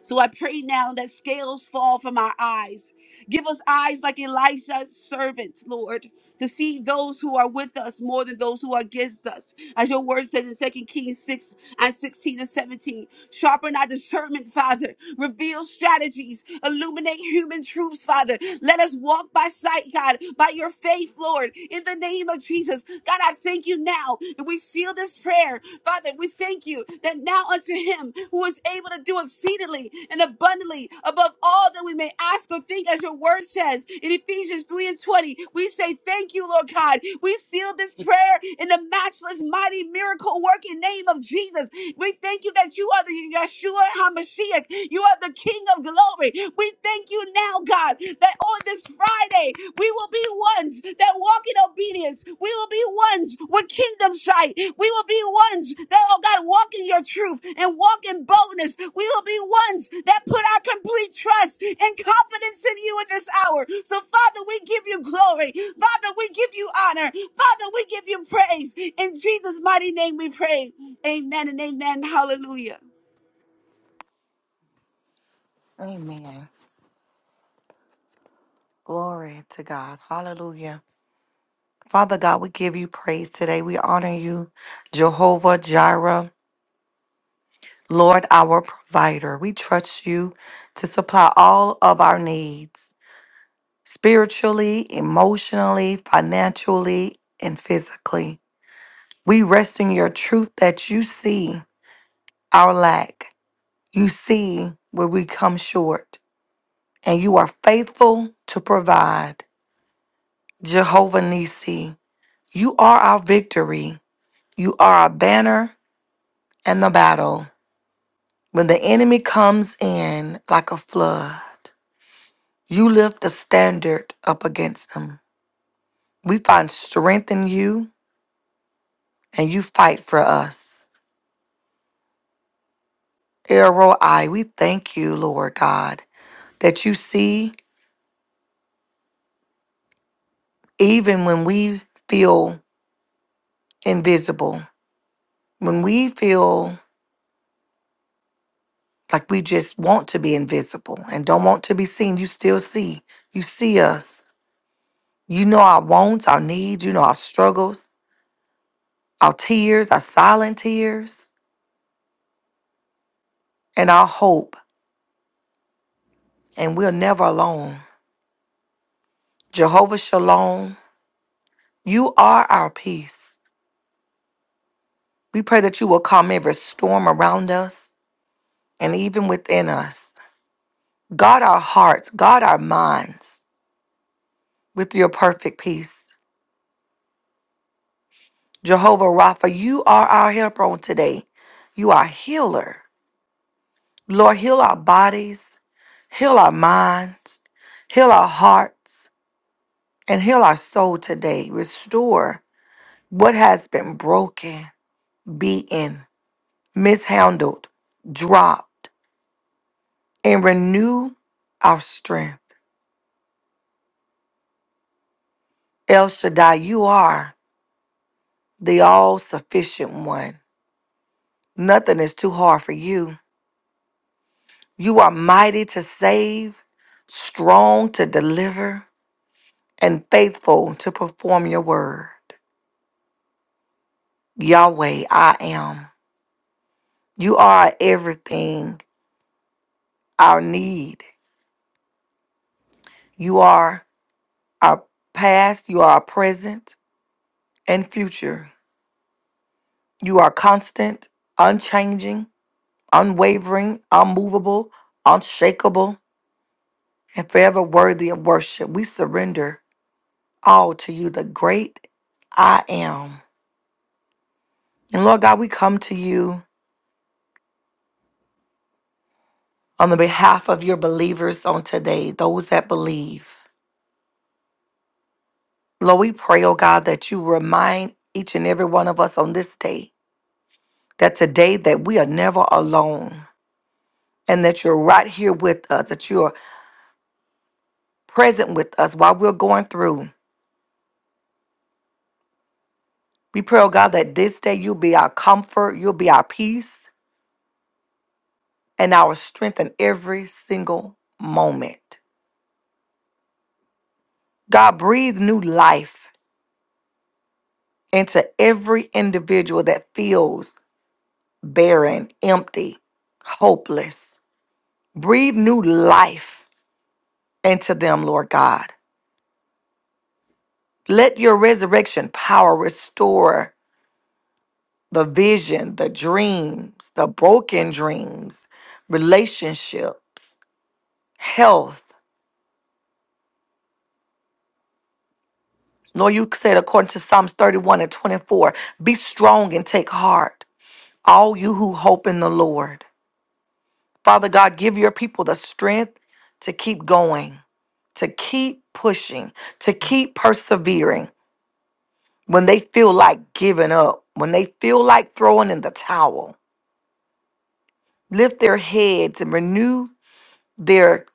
[SPEAKER 4] So I pray now that scales fall from our eyes. Give us eyes like Elisha's servants, Lord to see those who are with us more than those who are against us. As your word says in Second Kings 6 and 16 and 17, sharpen our discernment, Father. Reveal strategies. Illuminate human truths, Father. Let us walk by sight, God, by your faith, Lord, in the name of Jesus. God, I thank you now. that We seal this prayer, Father. We thank you that now unto him who is is able to do exceedingly and abundantly above all that we may ask or think, as your word says in Ephesians 3 and 20. We say thank you, Lord God. We seal this prayer in the matchless, mighty, miracle working name of Jesus. We thank you that you are the Yeshua HaMashiach. You are the King of glory. We thank you now, God, that on this Friday we will be one ones that walk in obedience. We will be ones with kingdom sight. We will be ones that, oh God, walk in your truth and walk in boldness. We will be ones that put our complete trust and confidence in you in this hour. So, Father, we give you glory. Father, we give you honor. Father, we give you praise. In Jesus' mighty name we pray. Amen and amen. Hallelujah.
[SPEAKER 5] Amen. Glory to God. Hallelujah. Father God, we give you praise today. We honor you, Jehovah Jireh, Lord, our provider. We trust you to supply all of our needs spiritually, emotionally, financially, and physically. We rest in your truth that you see our lack, you see where we come short, and you are faithful to provide. Jehovah Nisi. You are our victory. You are our banner and the battle. When the enemy comes in like a flood, you lift a standard up against him. We find strength in you and you fight for us. Errol, we thank you, Lord God, that you see even when we feel invisible, when we feel like we just want to be invisible and don't want to be seen, you still see. You see us. You know our wants, our needs, you know our struggles, our tears, our silent tears, and our hope, and we're never alone. Jehovah Shalom, you are our peace. We pray that you will calm every storm around us and even within us. Guard our hearts, guard our minds with your perfect peace. Jehovah Rapha, you are our helper on today. You are healer. Lord, heal our bodies, heal our minds, heal our hearts. and heal our soul today. Restore what has been broken, beaten, mishandled, dropped, and renew our strength. El Shaddai, you are the all sufficient one. Nothing is too hard for you. You are mighty to save, strong to deliver, and faithful to perform your word. Yahweh, I am. You are everything, our need. You are. are past, you are present and future. You are constant, unchanging, unwavering, unmovable, unshakable, and forever worthy of worship. We surrender all to you, the great I am. And Lord God, we come to you on the behalf of your believers on today, those that believe. Lord, we pray, oh God, that you remind each and every one of us on this day that today that we are never alone. and that you're right here with us, that you're present with us while we're going through. We pray, oh God, that this day you'll be our comfort, you'll be our peace, and our strength in every single moment. God, breathe new life into every individual that feels barren, empty, hopeless. Breathe new life into them, Lord God. Let your resurrection power restore the vision, the dreams, the broken dreams, relationships, health. Nor you said, according to Psalms 31 and 24, be strong and take heart, all you who hope in the Lord. Father God, give your people the strength to keep going, to keep pushing, to keep persevering when they feel like giving up, when they feel like throwing in the towel. Lift their heads and renew their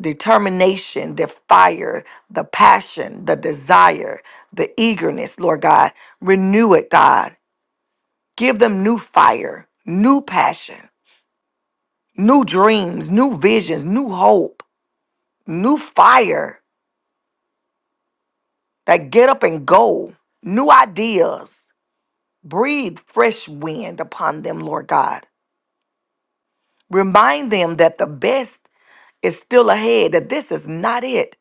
[SPEAKER 5] determination, the fire, the passion, the desire, the eagerness, Lord God. Renew it, God. Give them new fire, new passion, new dreams, new visions, new hope, new fire that get up and go, new ideas. Breathe fresh wind upon them, Lord God. Remind them that the best is still ahead, that this is not it,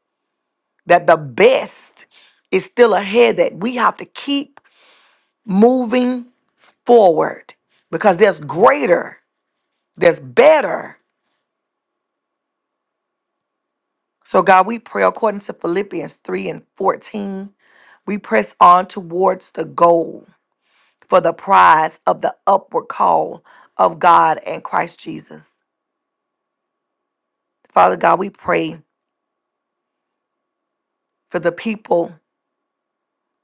[SPEAKER 5] that the best is still ahead, that we have to keep moving forward because there's greater, there's better. So, God, we pray according to Philippians 3 and 14, we press on towards the goal for the prize of the upward call of God and Christ Jesus. Father God, we pray for the people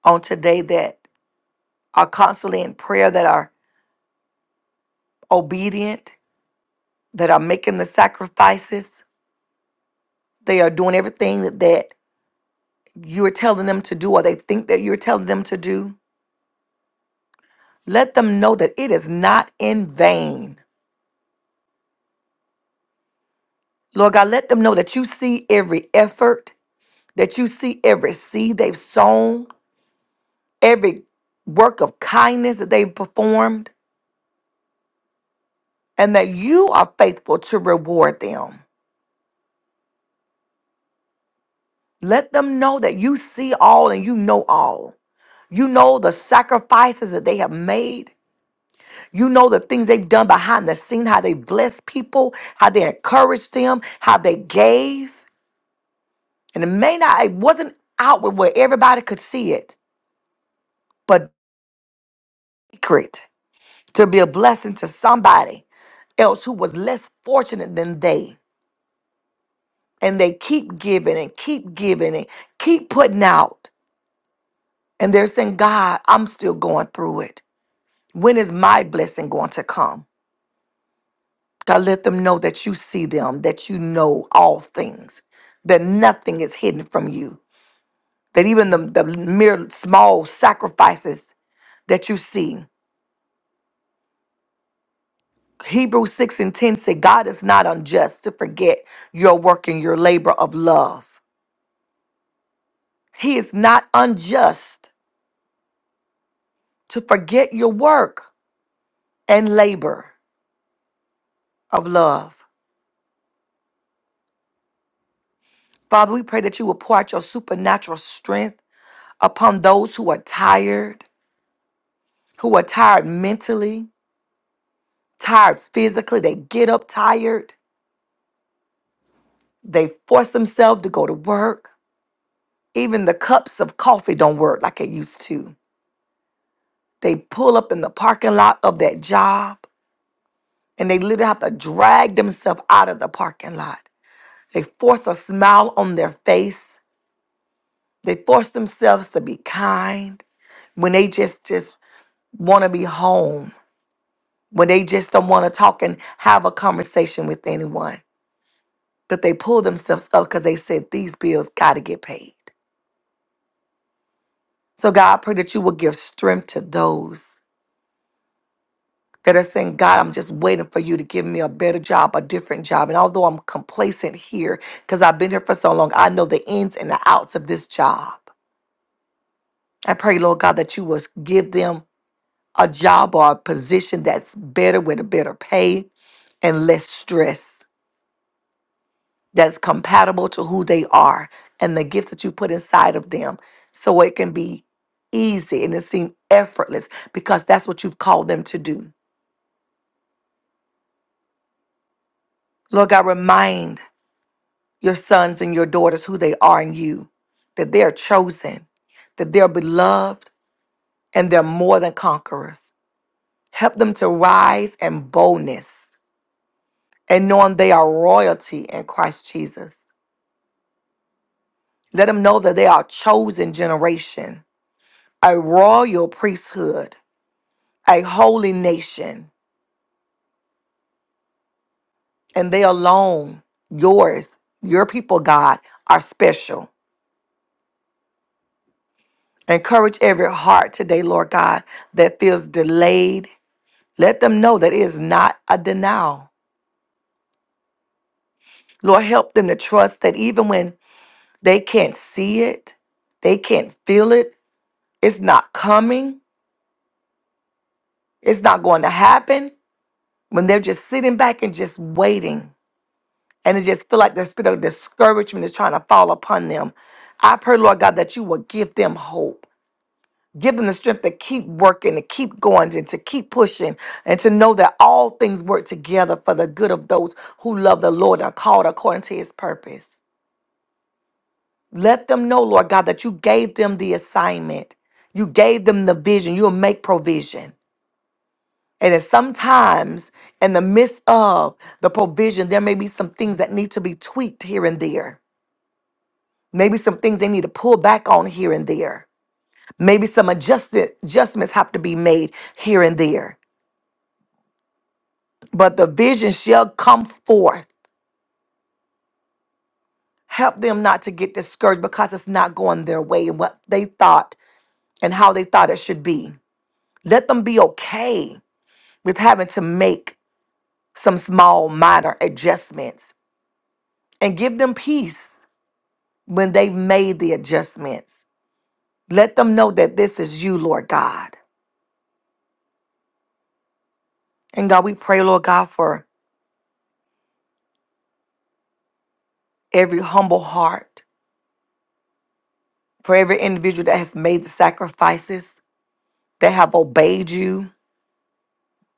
[SPEAKER 5] on today that are constantly in prayer, that are obedient, that are making the sacrifices. They are doing everything that you're telling them to do or they think that you're telling them to do. Let them know that it is not in vain. Lord God, let them know that you see every effort, that you see every seed they've sown, every work of kindness that they've performed, and that you are faithful to reward them. Let them know that you see all and you know all. You know the sacrifices that they have made. You know the things they've done behind the scene, how they blessed people, how they encouraged them, how they gave. And it may not, it wasn't outward where everybody could see it, but secret to be a blessing to somebody else who was less fortunate than they. And they keep giving and keep giving and keep putting out. And they're saying, God, I'm still going through it. When is my blessing going to come? God, let them know that you see them, that you know all things, that nothing is hidden from you, that even the, the mere small sacrifices that you see. Hebrews 6 and 10 say, God is not unjust to forget your work and your labor of love. He is not unjust to forget your work and labor of love. Father, we pray that you will pour out your supernatural strength upon those who are tired, who are tired mentally, tired physically. They get up tired. They force themselves to go to work. Even the cups of coffee don't work like it used to. They pull up in the parking lot of that job and they literally have to drag themselves out of the parking lot. They force a smile on their face. They force themselves to be kind when they just just want to be home. When they just don't want to talk and have a conversation with anyone. But they pull themselves up because they said these bills got to get paid. So, God, I pray that you will give strength to those that are saying, God, I'm just waiting for you to give me a better job, a different job. And although I'm complacent here, because I've been here for so long, I know the ins and the outs of this job. I pray, Lord God, that you will give them a job or a position that's better with a better pay and less stress, that's compatible to who they are and the gifts that you put inside of them so it can be easy and it seem effortless because that's what you've called them to do. Lord God, remind your sons and your daughters who they are in you, that they are chosen, that they're beloved, and they're more than conquerors. Help them to rise in boldness and knowing they are royalty in Christ Jesus. Let them know that they are a chosen generation, a royal priesthood, a holy nation, and they alone, yours, your people, God, are special. Encourage every heart today, Lord God, that feels delayed. Let them know that it is not a denial. Lord, help them to trust that even when they can't see it, they can't feel it, it's not coming, it's not going to happen, when they're just sitting back and just waiting, and it just feel like the spirit of discouragement is trying to fall upon them. I pray, Lord God, that you will give them hope. Give them the strength to keep working, to keep going, and to keep pushing, and to know that all things work together for the good of those who love the Lord and are called according to his purpose. Let them know, Lord God, that you gave them the assignment, you gave them the vision, you'll make provision. And it's sometimes in the midst of the provision, there may be some things that need to be tweaked here and there. Maybe some things they need to pull back on here and there. Maybe some adjusted adjustments have to be made here and there. but the vision shall come forth. Help them not to get discouraged because it's not going their way and what they thought and how they thought it should be. Let them be okay with having to make some small, minor adjustments and give them peace when they've made the adjustments. Let them know that this is you, Lord God. And God, we pray, Lord God, for every humble heart, for every individual that has made the sacrifices, that have obeyed you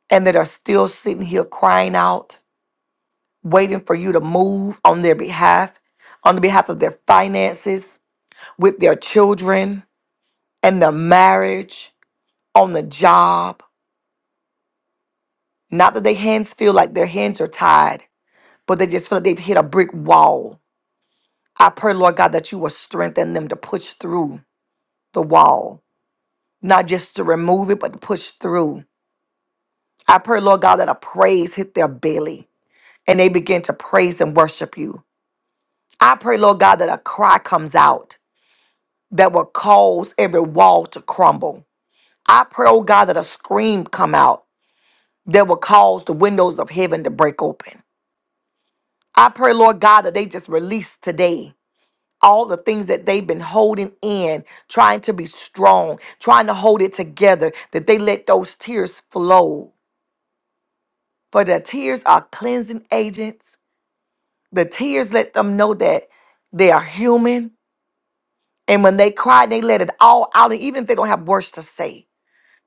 [SPEAKER 5] and that are still sitting here crying out, waiting for you to move on their behalf, on the behalf of their finances, with their children and their marriage, on the job. Not that their hands feel like their hands are tied, but they just feel like they've hit a brick wall. I pray, Lord God, that you will strengthen them to push through the wall, not just to remove it, but to push through. I pray, Lord God, that a praise hit their belly and they begin to praise and worship you I pray, Lord God, that a cry comes out that will cause every wall to crumble. I pray, oh God, that a scream come out that will cause the windows of heaven to break open. I pray, Lord God, that they just release today all the things that they've been holding in, trying to be strong, trying to hold it together, that they let those tears flow. For the tears are cleansing agents. The tears let them know that they are human And when they cried, they let it all out. And even if they don't have words to say,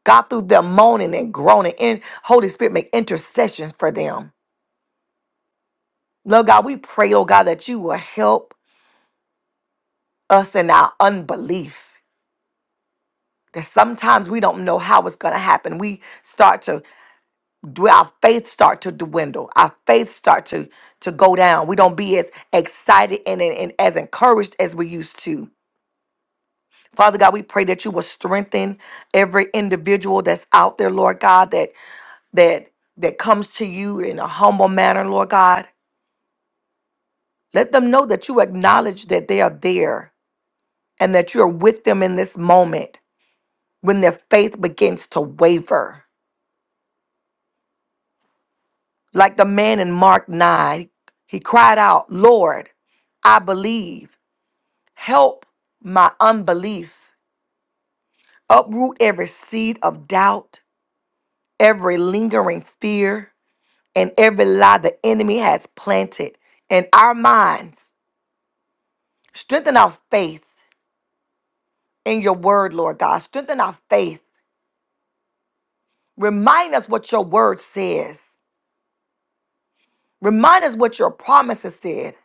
[SPEAKER 5] God, through their moaning and groaning, and Holy Spirit make intercessions for them. Lord God, we pray, Lord God, that you will help us in our unbelief. That sometimes we don't know how it's going to happen. We start to, dw- our faith start to dwindle. Our faith start to, to go down. We don't be as excited and, and and as encouraged as we used to. Father God, we pray that you will strengthen every individual that's out there, Lord God, that that that comes to you in a humble manner, Lord God. Let them know that you acknowledge that they are there and that you're with them in this moment when their faith begins to waver. Like the man in Mark 9, he cried out, Lord, I believe. Help my unbelief. Uproot every seed of doubt, every lingering fear, and every lie the enemy has planted in our minds. Strengthen our faith in your word, Lord God. Strengthen our faith. Remind us what your word says. Remind us what your promises said,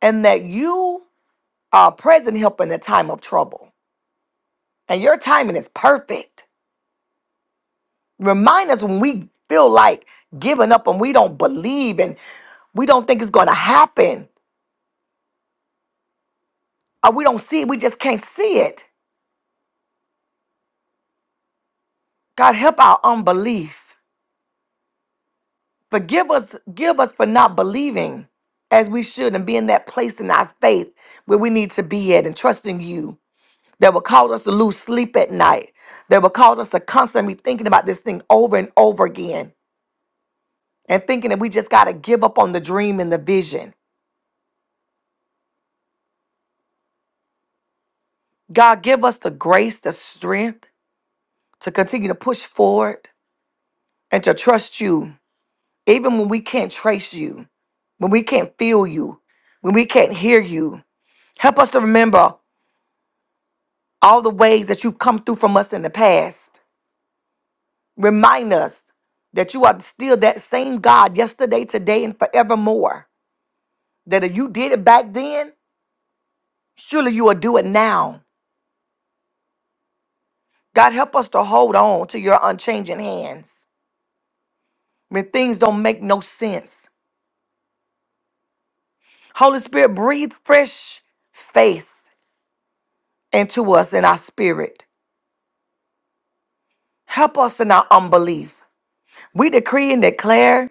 [SPEAKER 5] and that you are a present help in the time of trouble. And your timing is perfect. Remind us when we feel like giving up and we don't believe and we don't think it's going to happen or we don't see it, we just can't see it. God, help our unbelief. Forgive us, give us for not believing as we should and being that place in our faith where we need to be at and trusting you that will cause us to lose sleep at night, that will cause us to constantly be thinking about this thing over and over again and thinking that we just got to give up on the dream and the vision. God, give us the grace, the strength to continue to push forward and to trust you, even when we can't trace you, when we can't feel you, when we can't hear you. Help us to remember all the ways that you've come through from us in the past. Remind us that you are still that same God yesterday, today, and forevermore. That if you did it back then, surely you will do it now. God, help us to hold on to your unchanging hands when things don't make no sense. Holy Spirit, breathe fresh faith into us in our spirit. Help us in our unbelief. We decree and declare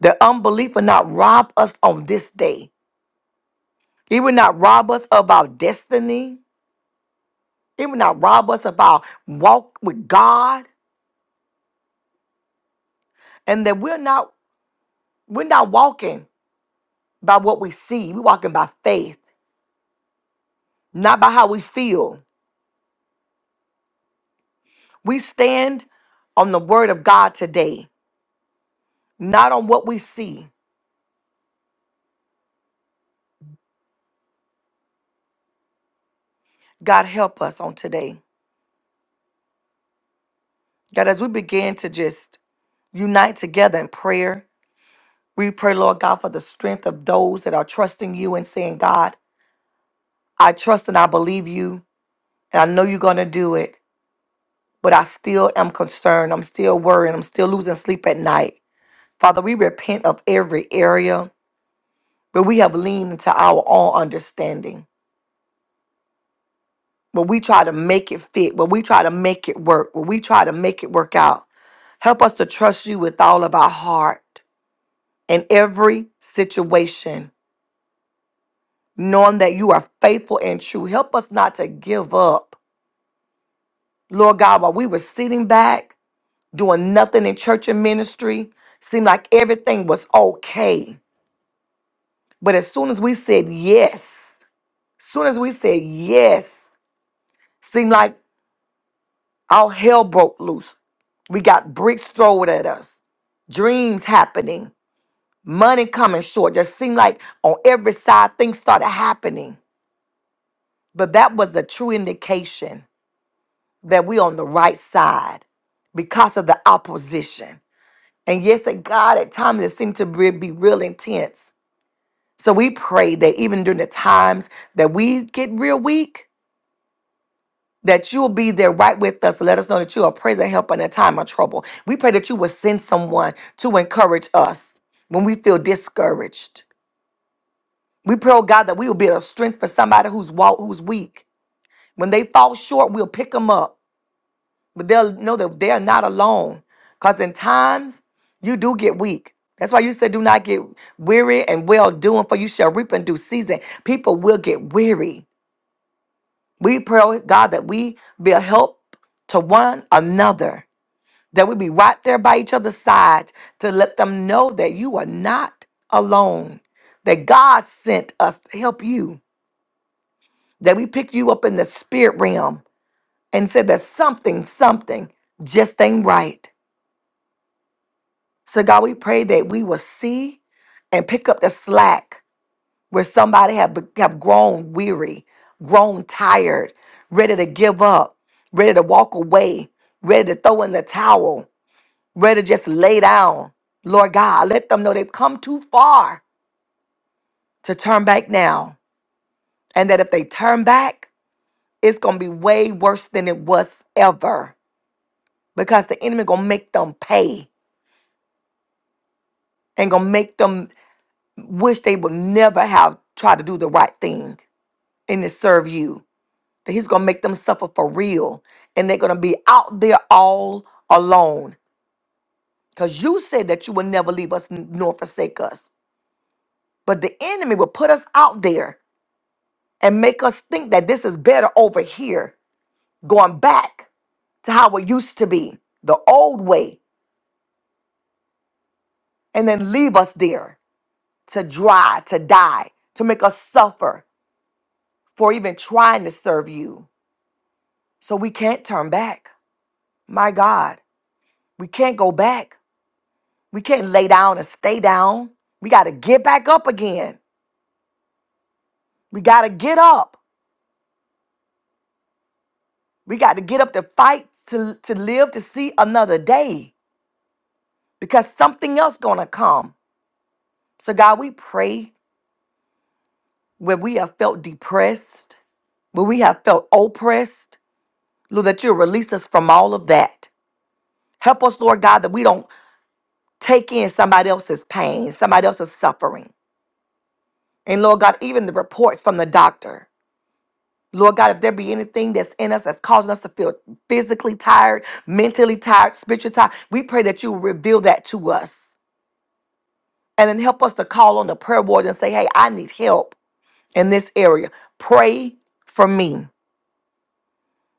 [SPEAKER 5] that unbelief will not rob us on this day. It will not rob us of our destiny. It will not rob us of our walk with God. And that we're not we're not walking by what we see. We're walking by faith, not by how we feel. We stand on the word of God today, not on what we see. God help us on today. God, as we begin to just unite together in prayer, we pray, Lord God, for the strength of those that are trusting you and saying, God, I trust and I believe you, and I know you're going to do it. but I still am concerned. I'm still worried. I'm still losing sleep at night. Father, we repent of every area where we have leaned into our own understanding, where we try to make it fit, where we try to make it work, where we try to make it work out. Help us to trust you with all of our heart in every situation, knowing that you are faithful and true. Help us not to give up. Lord God, while we were sitting back, doing nothing in church and ministry, seemed like everything was okay But as soon as we said yes, soon as we said yes, seemed like all hell broke loose. We got bricks thrown at us, dreams happening, money coming short. Just seemed like on every side things started happening. But that was a true indication that we on the right side because of the opposition. And yes, at God, at times it seemed to be be real intense. So we pray that even during the times that we get real weak, that you'll be there right with us to let us know that you are present, and help in a time of trouble. We pray that you will send someone to encourage us when we feel discouraged. We pray, oh God, that we will be a strength for somebody who's walk, who's weak. When they fall short, we'll pick them up, but they'll know that they're not alone. Because in times, you do get weak. That's why you said, do not get weary and well doing, for you shall reap in due season. People will get weary. We pray, oh God, that we be a help to one another that we be right there by each other's side to let them know that you are not alone, that God sent us to help you, that we picked you up in the spirit realm and said that something, something just ain't right. So God, we pray that we will see and pick up the slack where somebody have, be- have grown weary, grown tired, ready to give up, ready to walk away, ready to throw in the towel. ready to just lay down. Lord God, let them know they've come too far to turn back now. And that if they turn back, it's going to be way worse than it was ever because the enemy going to make them pay and going to make them wish they would never have tried to do the right thing and to serve you. That he's going to make them suffer for real and they're going to be out there all alone because you said that you would never leave us nor forsake us. But the enemy will put us out there and make us think that this is better over here, going back to how it used to be, the old way, and then leave us there to dry, to die, to make us suffer for even trying to serve you. So we can't turn back. My God, we can't go back. We can't lay down and stay down. We got to get back up again. We got to get up. We got to get up to fight to, to live to see another day because something else going to come. So God, we pray where we have felt depressed, where we have felt oppressed. Lord, that you'll release us from all of that. Help us, Lord God, that we don't take in somebody else's pain, somebody else's suffering. And Lord God, even the reports from the doctor. Lord God, if there be anything that's in us that's causing us to feel physically tired, mentally tired, spiritually tired, we pray that you will reveal that to us. And then help us to call on the prayer board and say, hey, I need help in this area. Pray for me.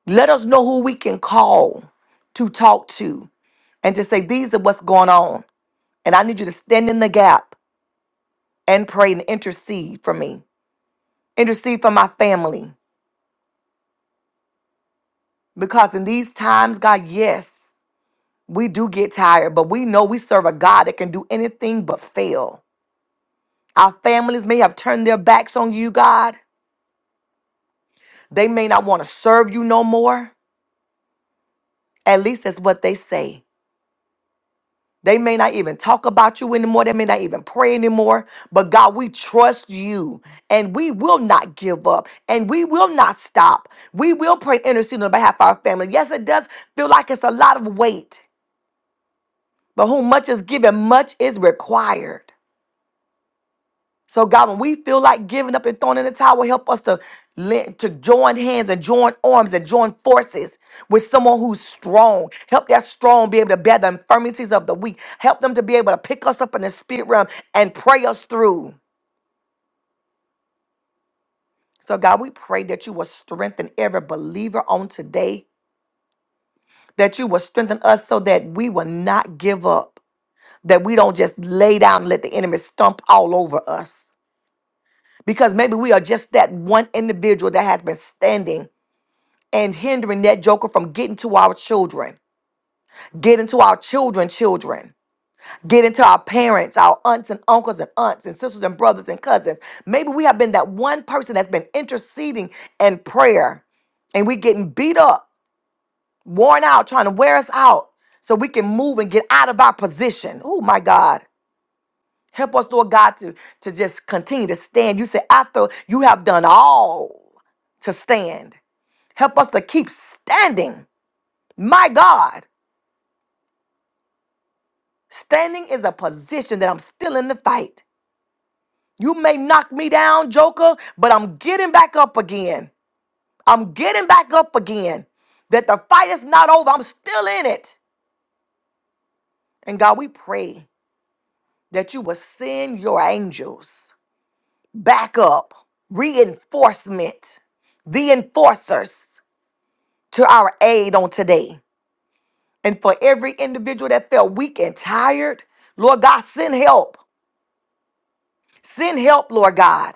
[SPEAKER 5] Let us know who we can call to talk to and to say, These are what's going on. And I need you to stand in the gap and pray and intercede for me, intercede for my family. Because in these times, God, yes, we do get tired, but we know we serve a God that can do anything but fail. Our families may have turned their backs on you, God. They may not want to serve you no more. At least that's what they say. They may not even talk about you anymore. They may not even pray anymore. But God, we trust you and we will not give up and we will not stop. We will pray intercede on behalf of our family. Yes, it does feel like it's a lot of weight, but whom much is given, much is required. So God, when we feel like giving up and throwing in the towel, help us to let- to join hands and join arms and join forces with someone who's strong. Help that strong be able to bear the infirmities of the weak. Help them to be able to pick us up in the spirit realm and pray us through. So God, we pray that you will strengthen every believer on today. That you will strengthen us so that we will not give up. That we don't just lay down and let the enemy stomp all over us because maybe we are just that one individual that has been standing and hindering that joker from getting to our children, getting to our children, children, getting to our parents, our aunts and uncles and aunts and sisters and brothers and cousins. Maybe we have been that one person that's been interceding in prayer and we getting beat up, worn out, trying to wear us out so we can move and get out of our position. Oh my God. Help us, Lord God, to, to just continue to stand. You say, after you have done all to stand, help us to keep standing. My God. Standing is a position that I'm still in the fight. You may knock me down, Joker, but I'm getting back up again. I'm getting back up again. That the fight is not over. I'm still in it. And God, we pray that you will send your angels back up, reinforcement, the enforcers to our aid on today. And for every individual that felt weak and tired, Lord God, send help. Send help, Lord God.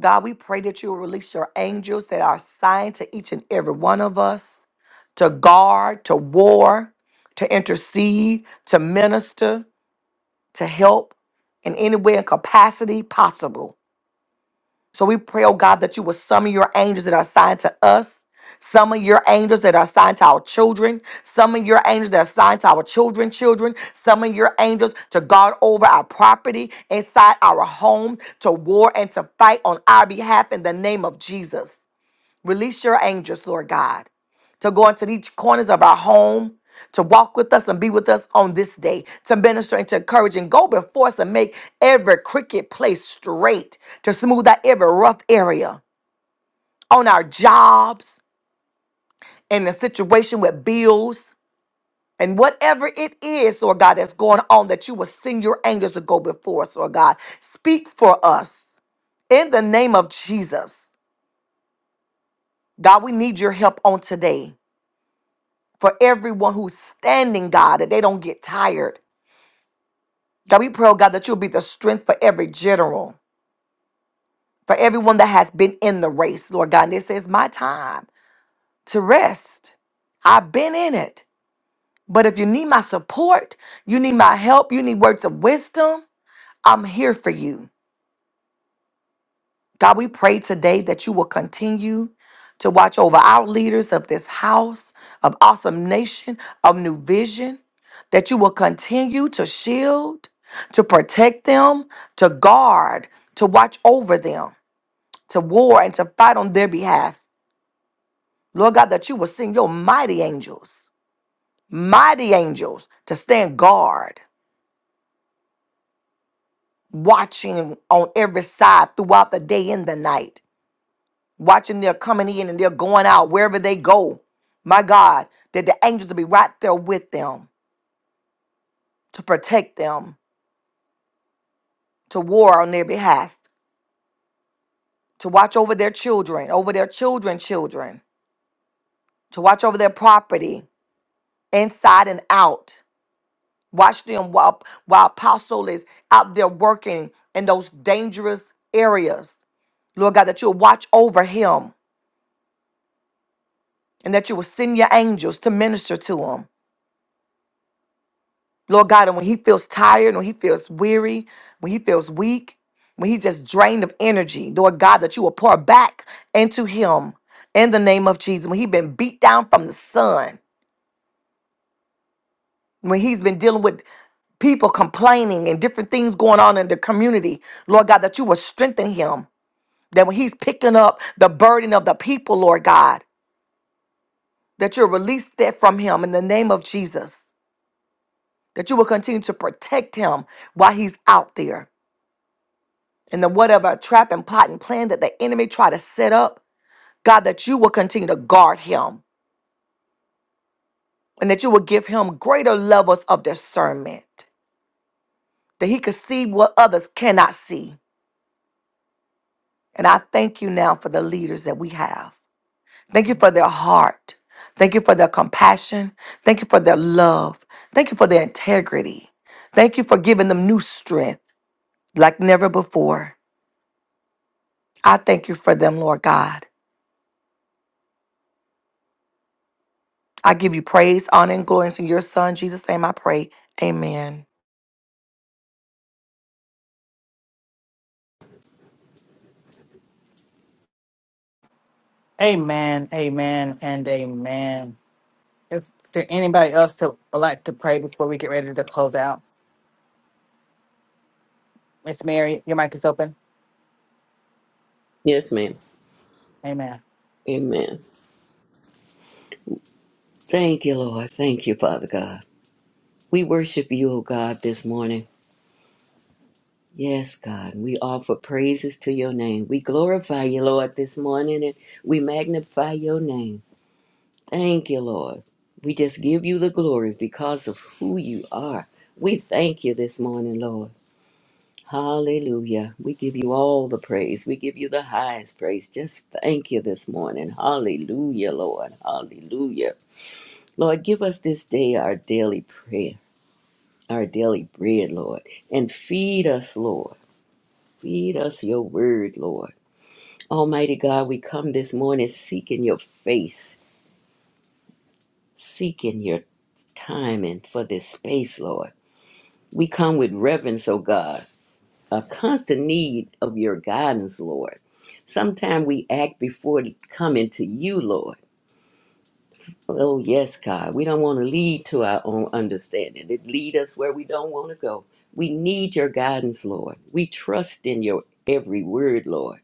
[SPEAKER 5] God, we pray that you will release your angels that are assigned to each and every one of us to guard, to war, to intercede, to minister, to help in any way and capacity possible. So we pray, oh God, that you will summon your angels that are assigned to us. Summon your angels that are assigned to our children. Summon your angels that are assigned to our children, children. Summon your angels to guard over our property, inside our home, to war and to fight on our behalf in the name of Jesus. Release your angels, Lord God, to go into each corners of our home, to walk with us and be with us on this day, to minister and to encourage and go before us and make every crooked place straight, to smooth out every rough area on our jobs and the situation with bills. And whatever it is, Lord God, that's going on, that you will send your angels to go before us, Lord God. Speak for us in the name of Jesus. God, we need your help on today. for everyone who's standing, God, that they don't get tired. God, we pray, oh God, that you'll be the strength for every general, for everyone that has been in the race, Lord God. And this is my time to rest. I've been in it. But if you need my support, you need my help, you need words of wisdom, I'm here for you. God, we pray today that you will continue to watch over our leaders of this house, of awesome nation, of new vision, that you will continue to shield, to protect them, to guard, to watch over them, to war and to fight on their behalf. Lord God, that you will send your mighty angels, mighty angels to stand guard, watching on every side throughout the day and the night watching their coming in and they're going out wherever they go. My God, that the angels will be right there with them to protect them, to war on their behalf, to watch over their children, over their children's children, to watch over their property inside and out. Watch them while, while Apostle is out there working in those dangerous areas. Lord God, that you'll watch over him and that you will send your angels to minister to him Lord God, and when he feels tired, when he feels weary, when he feels weak, when he's just drained of energy, Lord God, that you will pour back into him in the name of Jesus. When he's been beat down from the sun, when he's been dealing with people complaining and different things going on in the community, Lord God, that you will strengthen him. That when he's picking up the burden of the people, Lord God, that you'll release that from him in the name of Jesus. That you will continue to protect him while he's out there and the whatever trap and plot and plan that the enemy try to set up, God, that you will continue to guard him and that you will give him greater levels of discernment, that he could see what others cannot see. And I thank you now for the leaders that we have. Thank you for their heart. Thank you for their compassion. Thank you for their love. Thank you for their integrity. Thank you for giving them new strength like never before. I thank you for them, Lord God. I give you praise, honor, and glory. in your son, Jesus' name, I pray. Amen.
[SPEAKER 1] Amen, amen, and amen. If there anybody else to would like to pray before we get ready to close out, Miss Mary, your mic is open.
[SPEAKER 6] Yes, ma'am.
[SPEAKER 1] Amen.
[SPEAKER 6] Amen. Thank you, Lord. Thank you, Father God. We worship you, O God, this morning. Yes, God. We offer praises to your name. We glorify you, Lord, this morning, and we magnify your name. Thank you, Lord. We just give you the glory because of who you are. We thank you this morning, Lord. Hallelujah. We give you all the praise. We give you the highest praise. Just thank you this morning. Hallelujah, Lord. Hallelujah. Lord, give us this day our daily prayer, our daily bread, Lord, and feed us, Lord. Feed us your word, Lord. Almighty God, we come this morning seeking your face, seeking your time and for this space, Lord. We come with reverence, O God, a constant need of your guidance, Lord. Sometimes we act before coming to you, Lord. Oh, yes, God. We don't want to lead to our own understanding. It lead us where we don't want to go. We need your guidance, Lord. We trust in your every word, Lord.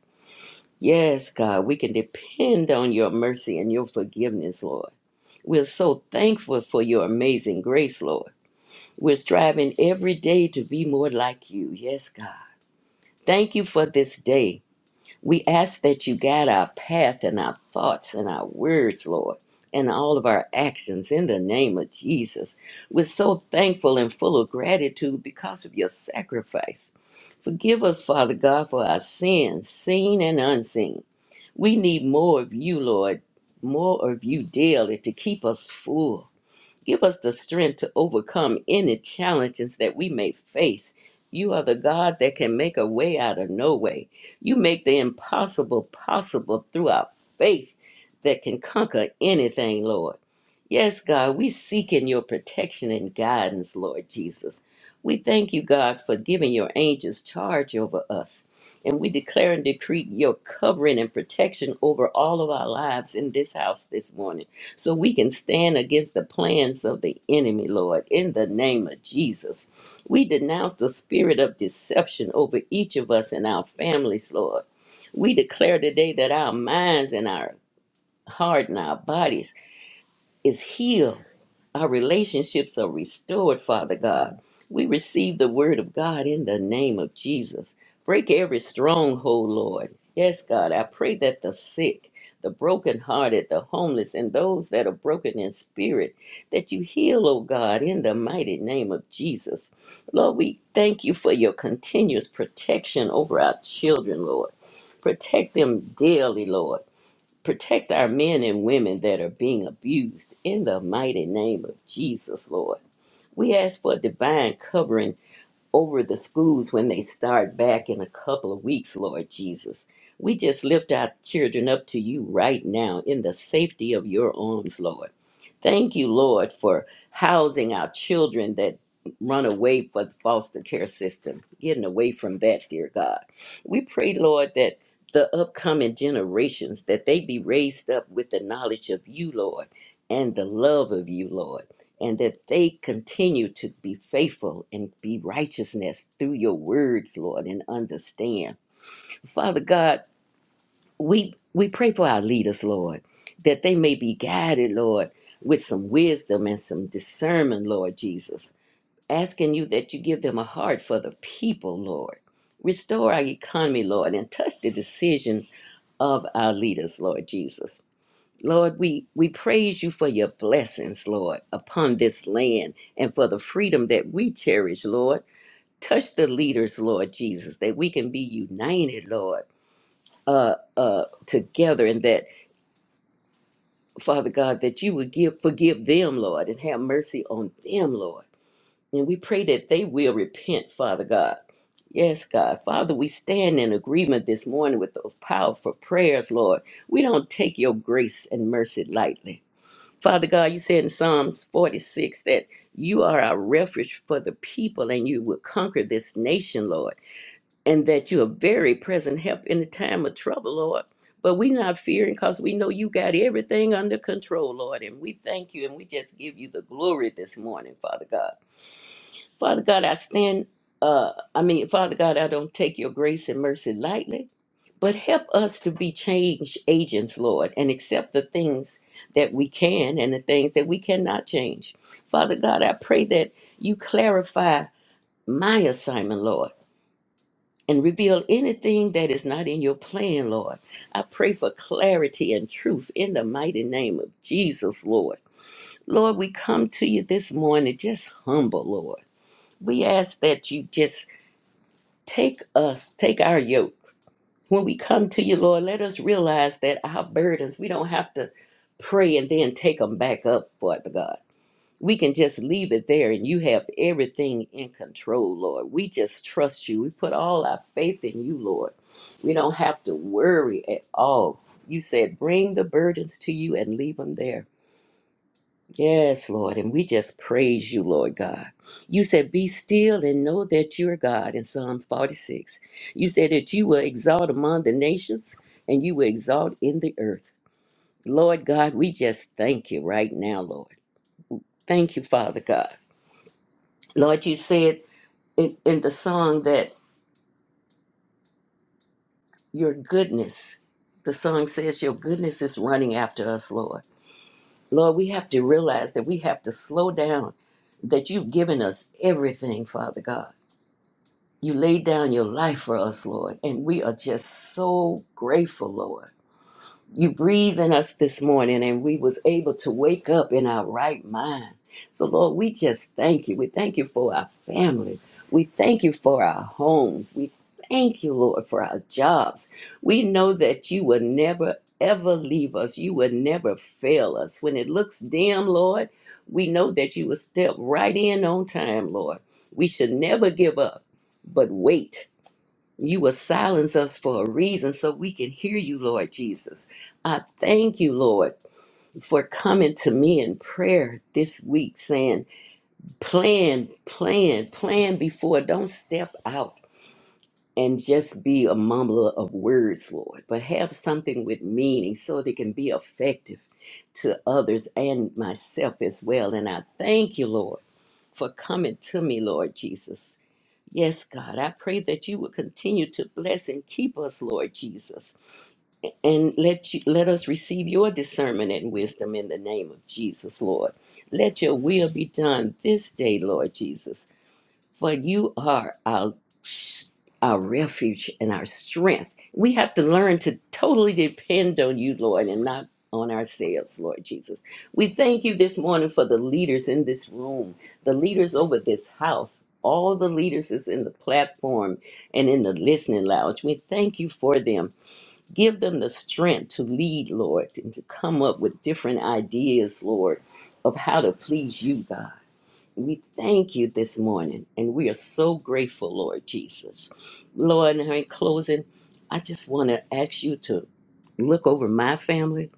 [SPEAKER 6] Yes, God, we can depend on your mercy and your forgiveness, Lord. We're so thankful for your amazing grace, Lord. We're striving every day to be more like you. Yes, God. Thank you for this day. We ask that you guide our path and our thoughts and our words, Lord, and all of our actions in the name of Jesus. We're so thankful and full of gratitude because of your sacrifice. Forgive us, Father God, for our sins, seen and unseen. We need more of you, Lord, more of you daily to keep us full. Give us the strength to overcome any challenges that we may face. You are the God that can make a way out of no way. You make the impossible possible through our faith that can conquer anything, Lord. Yes, God, we seek in your protection and guidance, Lord Jesus. We thank you, God, for giving your angels charge over us. And we declare and decree your covering and protection over all of our lives in this house this morning so we can stand against the plans of the enemy, Lord, in the name of Jesus. We denounce the spirit of deception over each of us and our families, Lord. We declare today that our minds and our heart and our bodies is healed our relationships are restored, Father God. We receive the word of God in the name of Jesus. Break every stronghold, Lord. Yes, God, I pray that the sick, the brokenhearted, the homeless, and those that are broken in spirit, that you heal, oh God, in the mighty name of Jesus. Lord, we thank you for your continuous protection over our children, Lord. Protect them daily, Lord. Protect our men and women that are being abused in the mighty name of Jesus, Lord. We ask for divine covering over the schools when they start back in a couple of weeks, Lord Jesus. We just lift our children up to you right now in the safety of your arms, Lord. Thank you, Lord, for housing our children that run away from the foster care system, getting away from that, dear God. We pray, Lord, that the upcoming generations that they be raised up with the knowledge of you, Lord, and the love of you, Lord and that they continue to be faithful and be righteousness through your words, Lord, and understand. Father God, we we pray for our leaders, Lord, that they may be guided, Lord, with some wisdom and some discernment, Lord Jesus. Asking you that you give them a heart for the people, Lord. Restore our economy, Lord, and touch the decision of our leaders, Lord Jesus. Lord, we, we praise you for your blessings, Lord, upon this land and for the freedom that we cherish, Lord. Touch the leaders, Lord Jesus, that we can be united, Lord, uh, uh, together, and that, Father God, that you would give forgive them, Lord, and have mercy on them, Lord. And we pray that they will repent, Father God. Yes, God. Father, we stand in agreement this morning with those powerful prayers, Lord. We don't take your grace and mercy lightly. Father God, you said in Psalms 46 that you are our refuge for the people and you will conquer this nation, Lord, and that you are very present help in the time of trouble, Lord. But we're not fearing because we know you got everything under control, Lord. And we thank you and we just give you the glory this morning, Father God. Father God, I stand, uh, I mean, Father God, I don't take your grace and mercy lightly. But help us to be change agents, Lord, and accept the things that we can and the things that we cannot change. Father God, I pray that you clarify my assignment, Lord, and reveal anything that is not in your plan, Lord. I pray for clarity and truth in the mighty name of Jesus, Lord. Lord, we come to you this morning just humble, Lord. We ask that you just take us, take our yoke. when we come to you, Lord, let us realize that our burdens, we don't have to pray and then take them back up, Father God. We can just leave it there and you have everything in control, Lord. We just trust you. We put all our faith in you, Lord. We don't have to worry at all. You said, bring the burdens to you and leave them there. Yes, Lord. And we just praise you, Lord God. You said, Be still and know that you are God in Psalm 46. You said that you will exalt among the nations and you will exalt in the earth. Lord God, we just thank you right now, Lord. Thank you, Father God. Lord, you said in, in the song that your goodness, the song says, Your goodness is running after us, Lord. Lord, we have to realize that we have to slow down, that you've given us everything, Father God. You laid down your life for us, Lord, and we are just so grateful, Lord you breathe in us this morning and we was able to wake up in our right mind so lord we just thank you we thank you for our family we thank you for our homes we thank you lord for our jobs we know that you will never ever leave us you will never fail us when it looks dim lord we know that you will step right in on time lord we should never give up but wait you will silence us for a reason so we can hear you, Lord Jesus. I thank you, Lord, for coming to me in prayer this week saying, plan, plan, plan before. Don't step out and just be a mumbler of words, Lord, but have something with meaning so they can be effective to others and myself as well. And I thank you, Lord, for coming to me, Lord Jesus Yes, God, I pray that you will continue to bless and keep us, Lord Jesus, and let you let us receive your discernment and wisdom in the name of Jesus, Lord. Let your will be done this day, Lord Jesus for you are our, our refuge and our strength. We have to learn to totally depend on you, Lord, and not on ourselves, Lord Jesus. We thank you this morning for the leaders in this room, the leaders over this house, all the leaders that's in the platform and in the listening lounge. We thank you for them. Give them the strength to lead, Lord, and to come up with different ideas, Lord, of how to please you, God. We thank you this morning, and we are so grateful, Lord Jesus. Lord, and in closing, I just want to ask you to look over my family.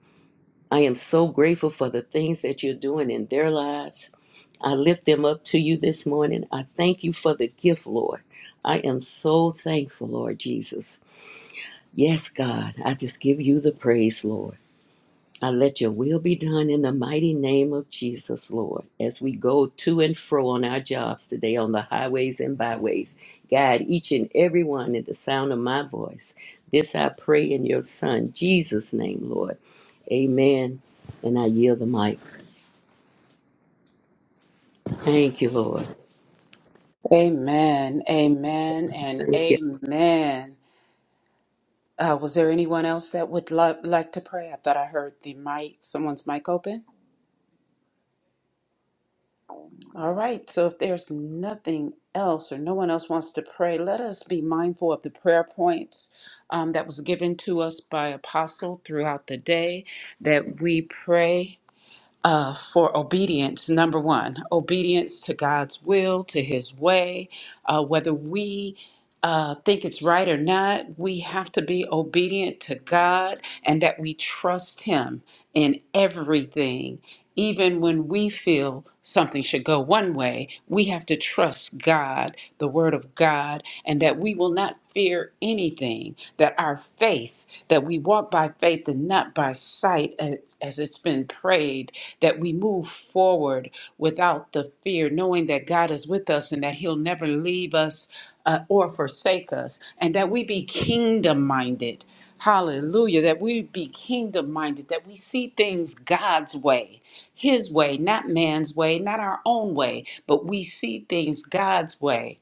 [SPEAKER 6] I am so grateful for the things that you're doing in their lives. I lift them up to you this morning. I thank you for the gift, Lord. I am so thankful, Lord Jesus. Yes, God, I just give you the praise, Lord. I let your will be done in the mighty name of Jesus, Lord. As we go to and fro on our jobs today on the highways and byways, guide each and every one in the sound of my voice. This I pray in your Son, Jesus' name, Lord. Amen. And I yield the mic. Thank you, Lord.
[SPEAKER 7] Amen, amen, and amen. Uh, was there anyone else that would lo- like to pray? I thought I heard the mic, someone's mic open. All right, so if there's nothing else or no one else wants to pray, let us be mindful of the prayer points um, that was given to us by Apostle throughout the day that we pray uh, for obedience, number one, obedience to God's will, to His way, uh, whether we uh, think it's right or not, we have to be obedient to God and that we trust Him in everything. Even when we feel something should go one way, we have to trust God, the Word of God, and that we will not fear anything, that our faith, that we walk by faith and not by sight, as, as it's been prayed that we move forward without the fear, knowing that God is with us and that He'll never leave us uh, or forsake us, and that we be kingdom minded. Hallelujah. That we be kingdom minded, that we see things God's way, His way, not man's way, not our own way, but we see things God's way.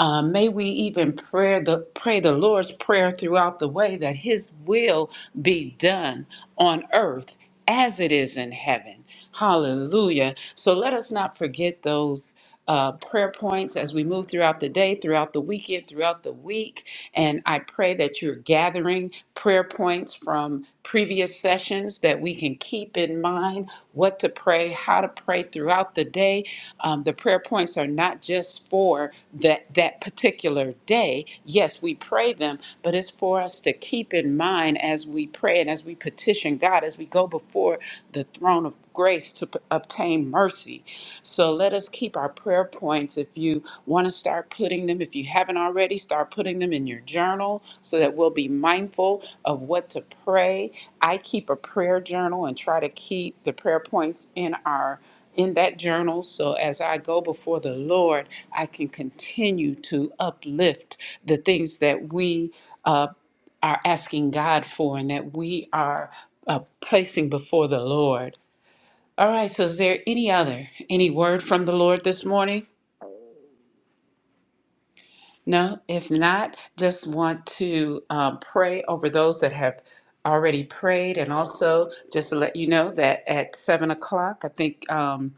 [SPEAKER 7] Uh, may we even pray the, pray the Lord's Prayer throughout the way that His will be done on earth as it is in heaven. Hallelujah. So let us not forget those uh, prayer points as we move throughout the day, throughout the weekend, throughout the week. And I pray that you're gathering prayer points from previous previous sessions that we can keep in mind what to pray, how to pray throughout the day. Um, the prayer points are not just for that, that particular day. Yes, we pray them, but it's for us to keep in mind as we pray and as we petition God, as we go before the throne of grace to p- obtain mercy. So let us keep our our prayer points. If you want to start putting them, if you haven't already, start putting them in your journal so that we'll be mindful of what to pray. I keep a prayer journal and try to keep the prayer points in our in that journal so as I go before the Lord, I can continue to uplift the things that we uh, are asking God for and that we are uh, placing before the Lord. All right, so is there any other any word from the Lord this morning? No, if not, just want to um, pray over those that have already prayed, and also just to let you know that at seven o'clock, I think. Um,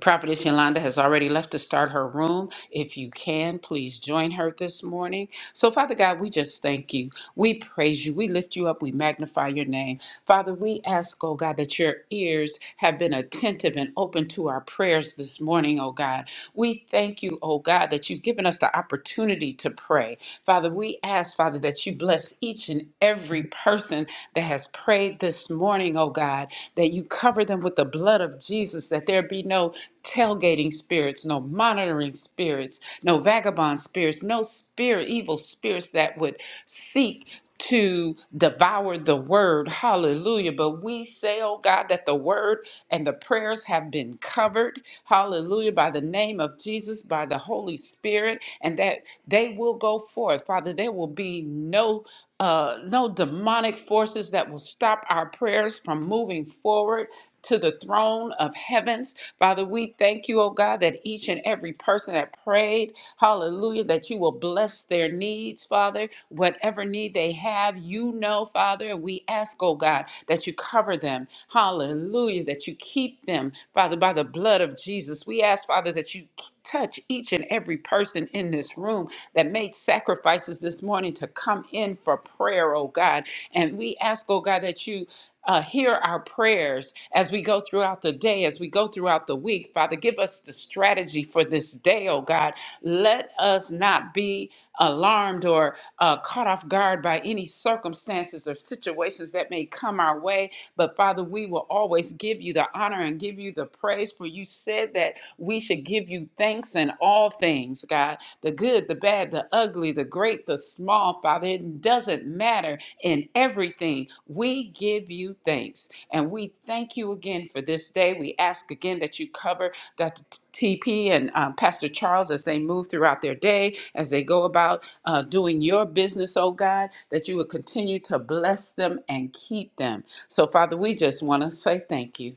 [SPEAKER 7] Prophetess Yolanda has already left to start her room. If you can, please join her this morning. So, Father God, we just thank you. We praise you. We lift you up. We magnify your name. Father, we ask, oh God, that your ears have been attentive and open to our prayers this morning, oh God. We thank you, oh God, that you've given us the opportunity to pray. Father, we ask, Father, that you bless each and every person that has prayed this morning, oh God. God, that you cover them with the blood of Jesus, that there be no tailgating spirits, no monitoring spirits, no vagabond spirits, no spirit, evil spirits that would seek to devour the word. Hallelujah. But we say, oh God, that the word and the prayers have been covered. Hallelujah. By the name of Jesus, by the Holy Spirit, and that they will go forth. Father, there will be no uh, no demonic forces that will stop our prayers from moving forward to the throne of heavens. Father, we thank you, oh God, that each and every person that prayed, hallelujah, that you will bless their needs, Father. Whatever need they have, you know, Father. And we ask, oh God, that you cover them, hallelujah, that you keep them, Father, by the blood of Jesus. We ask, Father, that you touch each and every person in this room that made sacrifices this morning to come in for prayer, oh God. And we ask, oh God, that you uh, hear our prayers as we go throughout the day, as we go throughout the week. Father, give us the strategy for this day, oh God. Let us not be alarmed or uh, caught off guard by any circumstances or situations that may come our way. But Father, we will always give you the honor and give you the praise, for you said that we should give you thanks in all things, God the good, the bad, the ugly, the great, the small, Father. It doesn't matter in everything. We give you thanks. And we thank you again for this day. We ask again that you cover Dr. TP and um, Pastor Charles as they move throughout their day, as they go about uh, doing your business, oh God, that you would continue to bless them and keep them. So, Father, we just want to say thank you.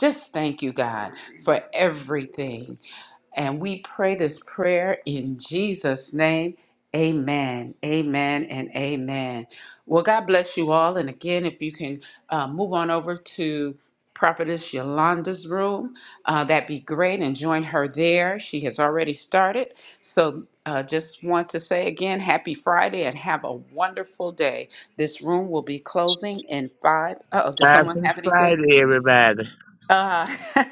[SPEAKER 7] Just thank you, God, for everything. And we pray this prayer in Jesus' name. Amen, amen, and amen. Well, God bless you all. And again, if you can uh, move on over to Prophetess Yolanda's room, uh, that'd be great. And join her there. She has already started. So uh, just want to say again, happy Friday and have a wonderful day. This room will be closing in five. Uh oh, does someone
[SPEAKER 3] Happy
[SPEAKER 7] have anything?
[SPEAKER 3] Friday, everybody.
[SPEAKER 7] Uh, [LAUGHS]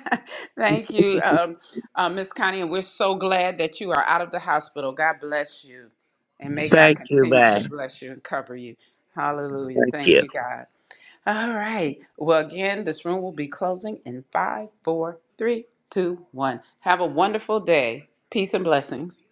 [SPEAKER 7] thank you, um, uh, Miss Connie, and we're so glad that you are out of the hospital. God bless you, and may God
[SPEAKER 3] Thank you,
[SPEAKER 7] continue to
[SPEAKER 3] man.
[SPEAKER 7] bless you and cover you. Hallelujah.
[SPEAKER 3] Thank
[SPEAKER 7] Thank
[SPEAKER 3] you.
[SPEAKER 7] you, God. All right. Well, again, this room will be closing in five, four, three, two, one. Have a wonderful day. Peace and blessings.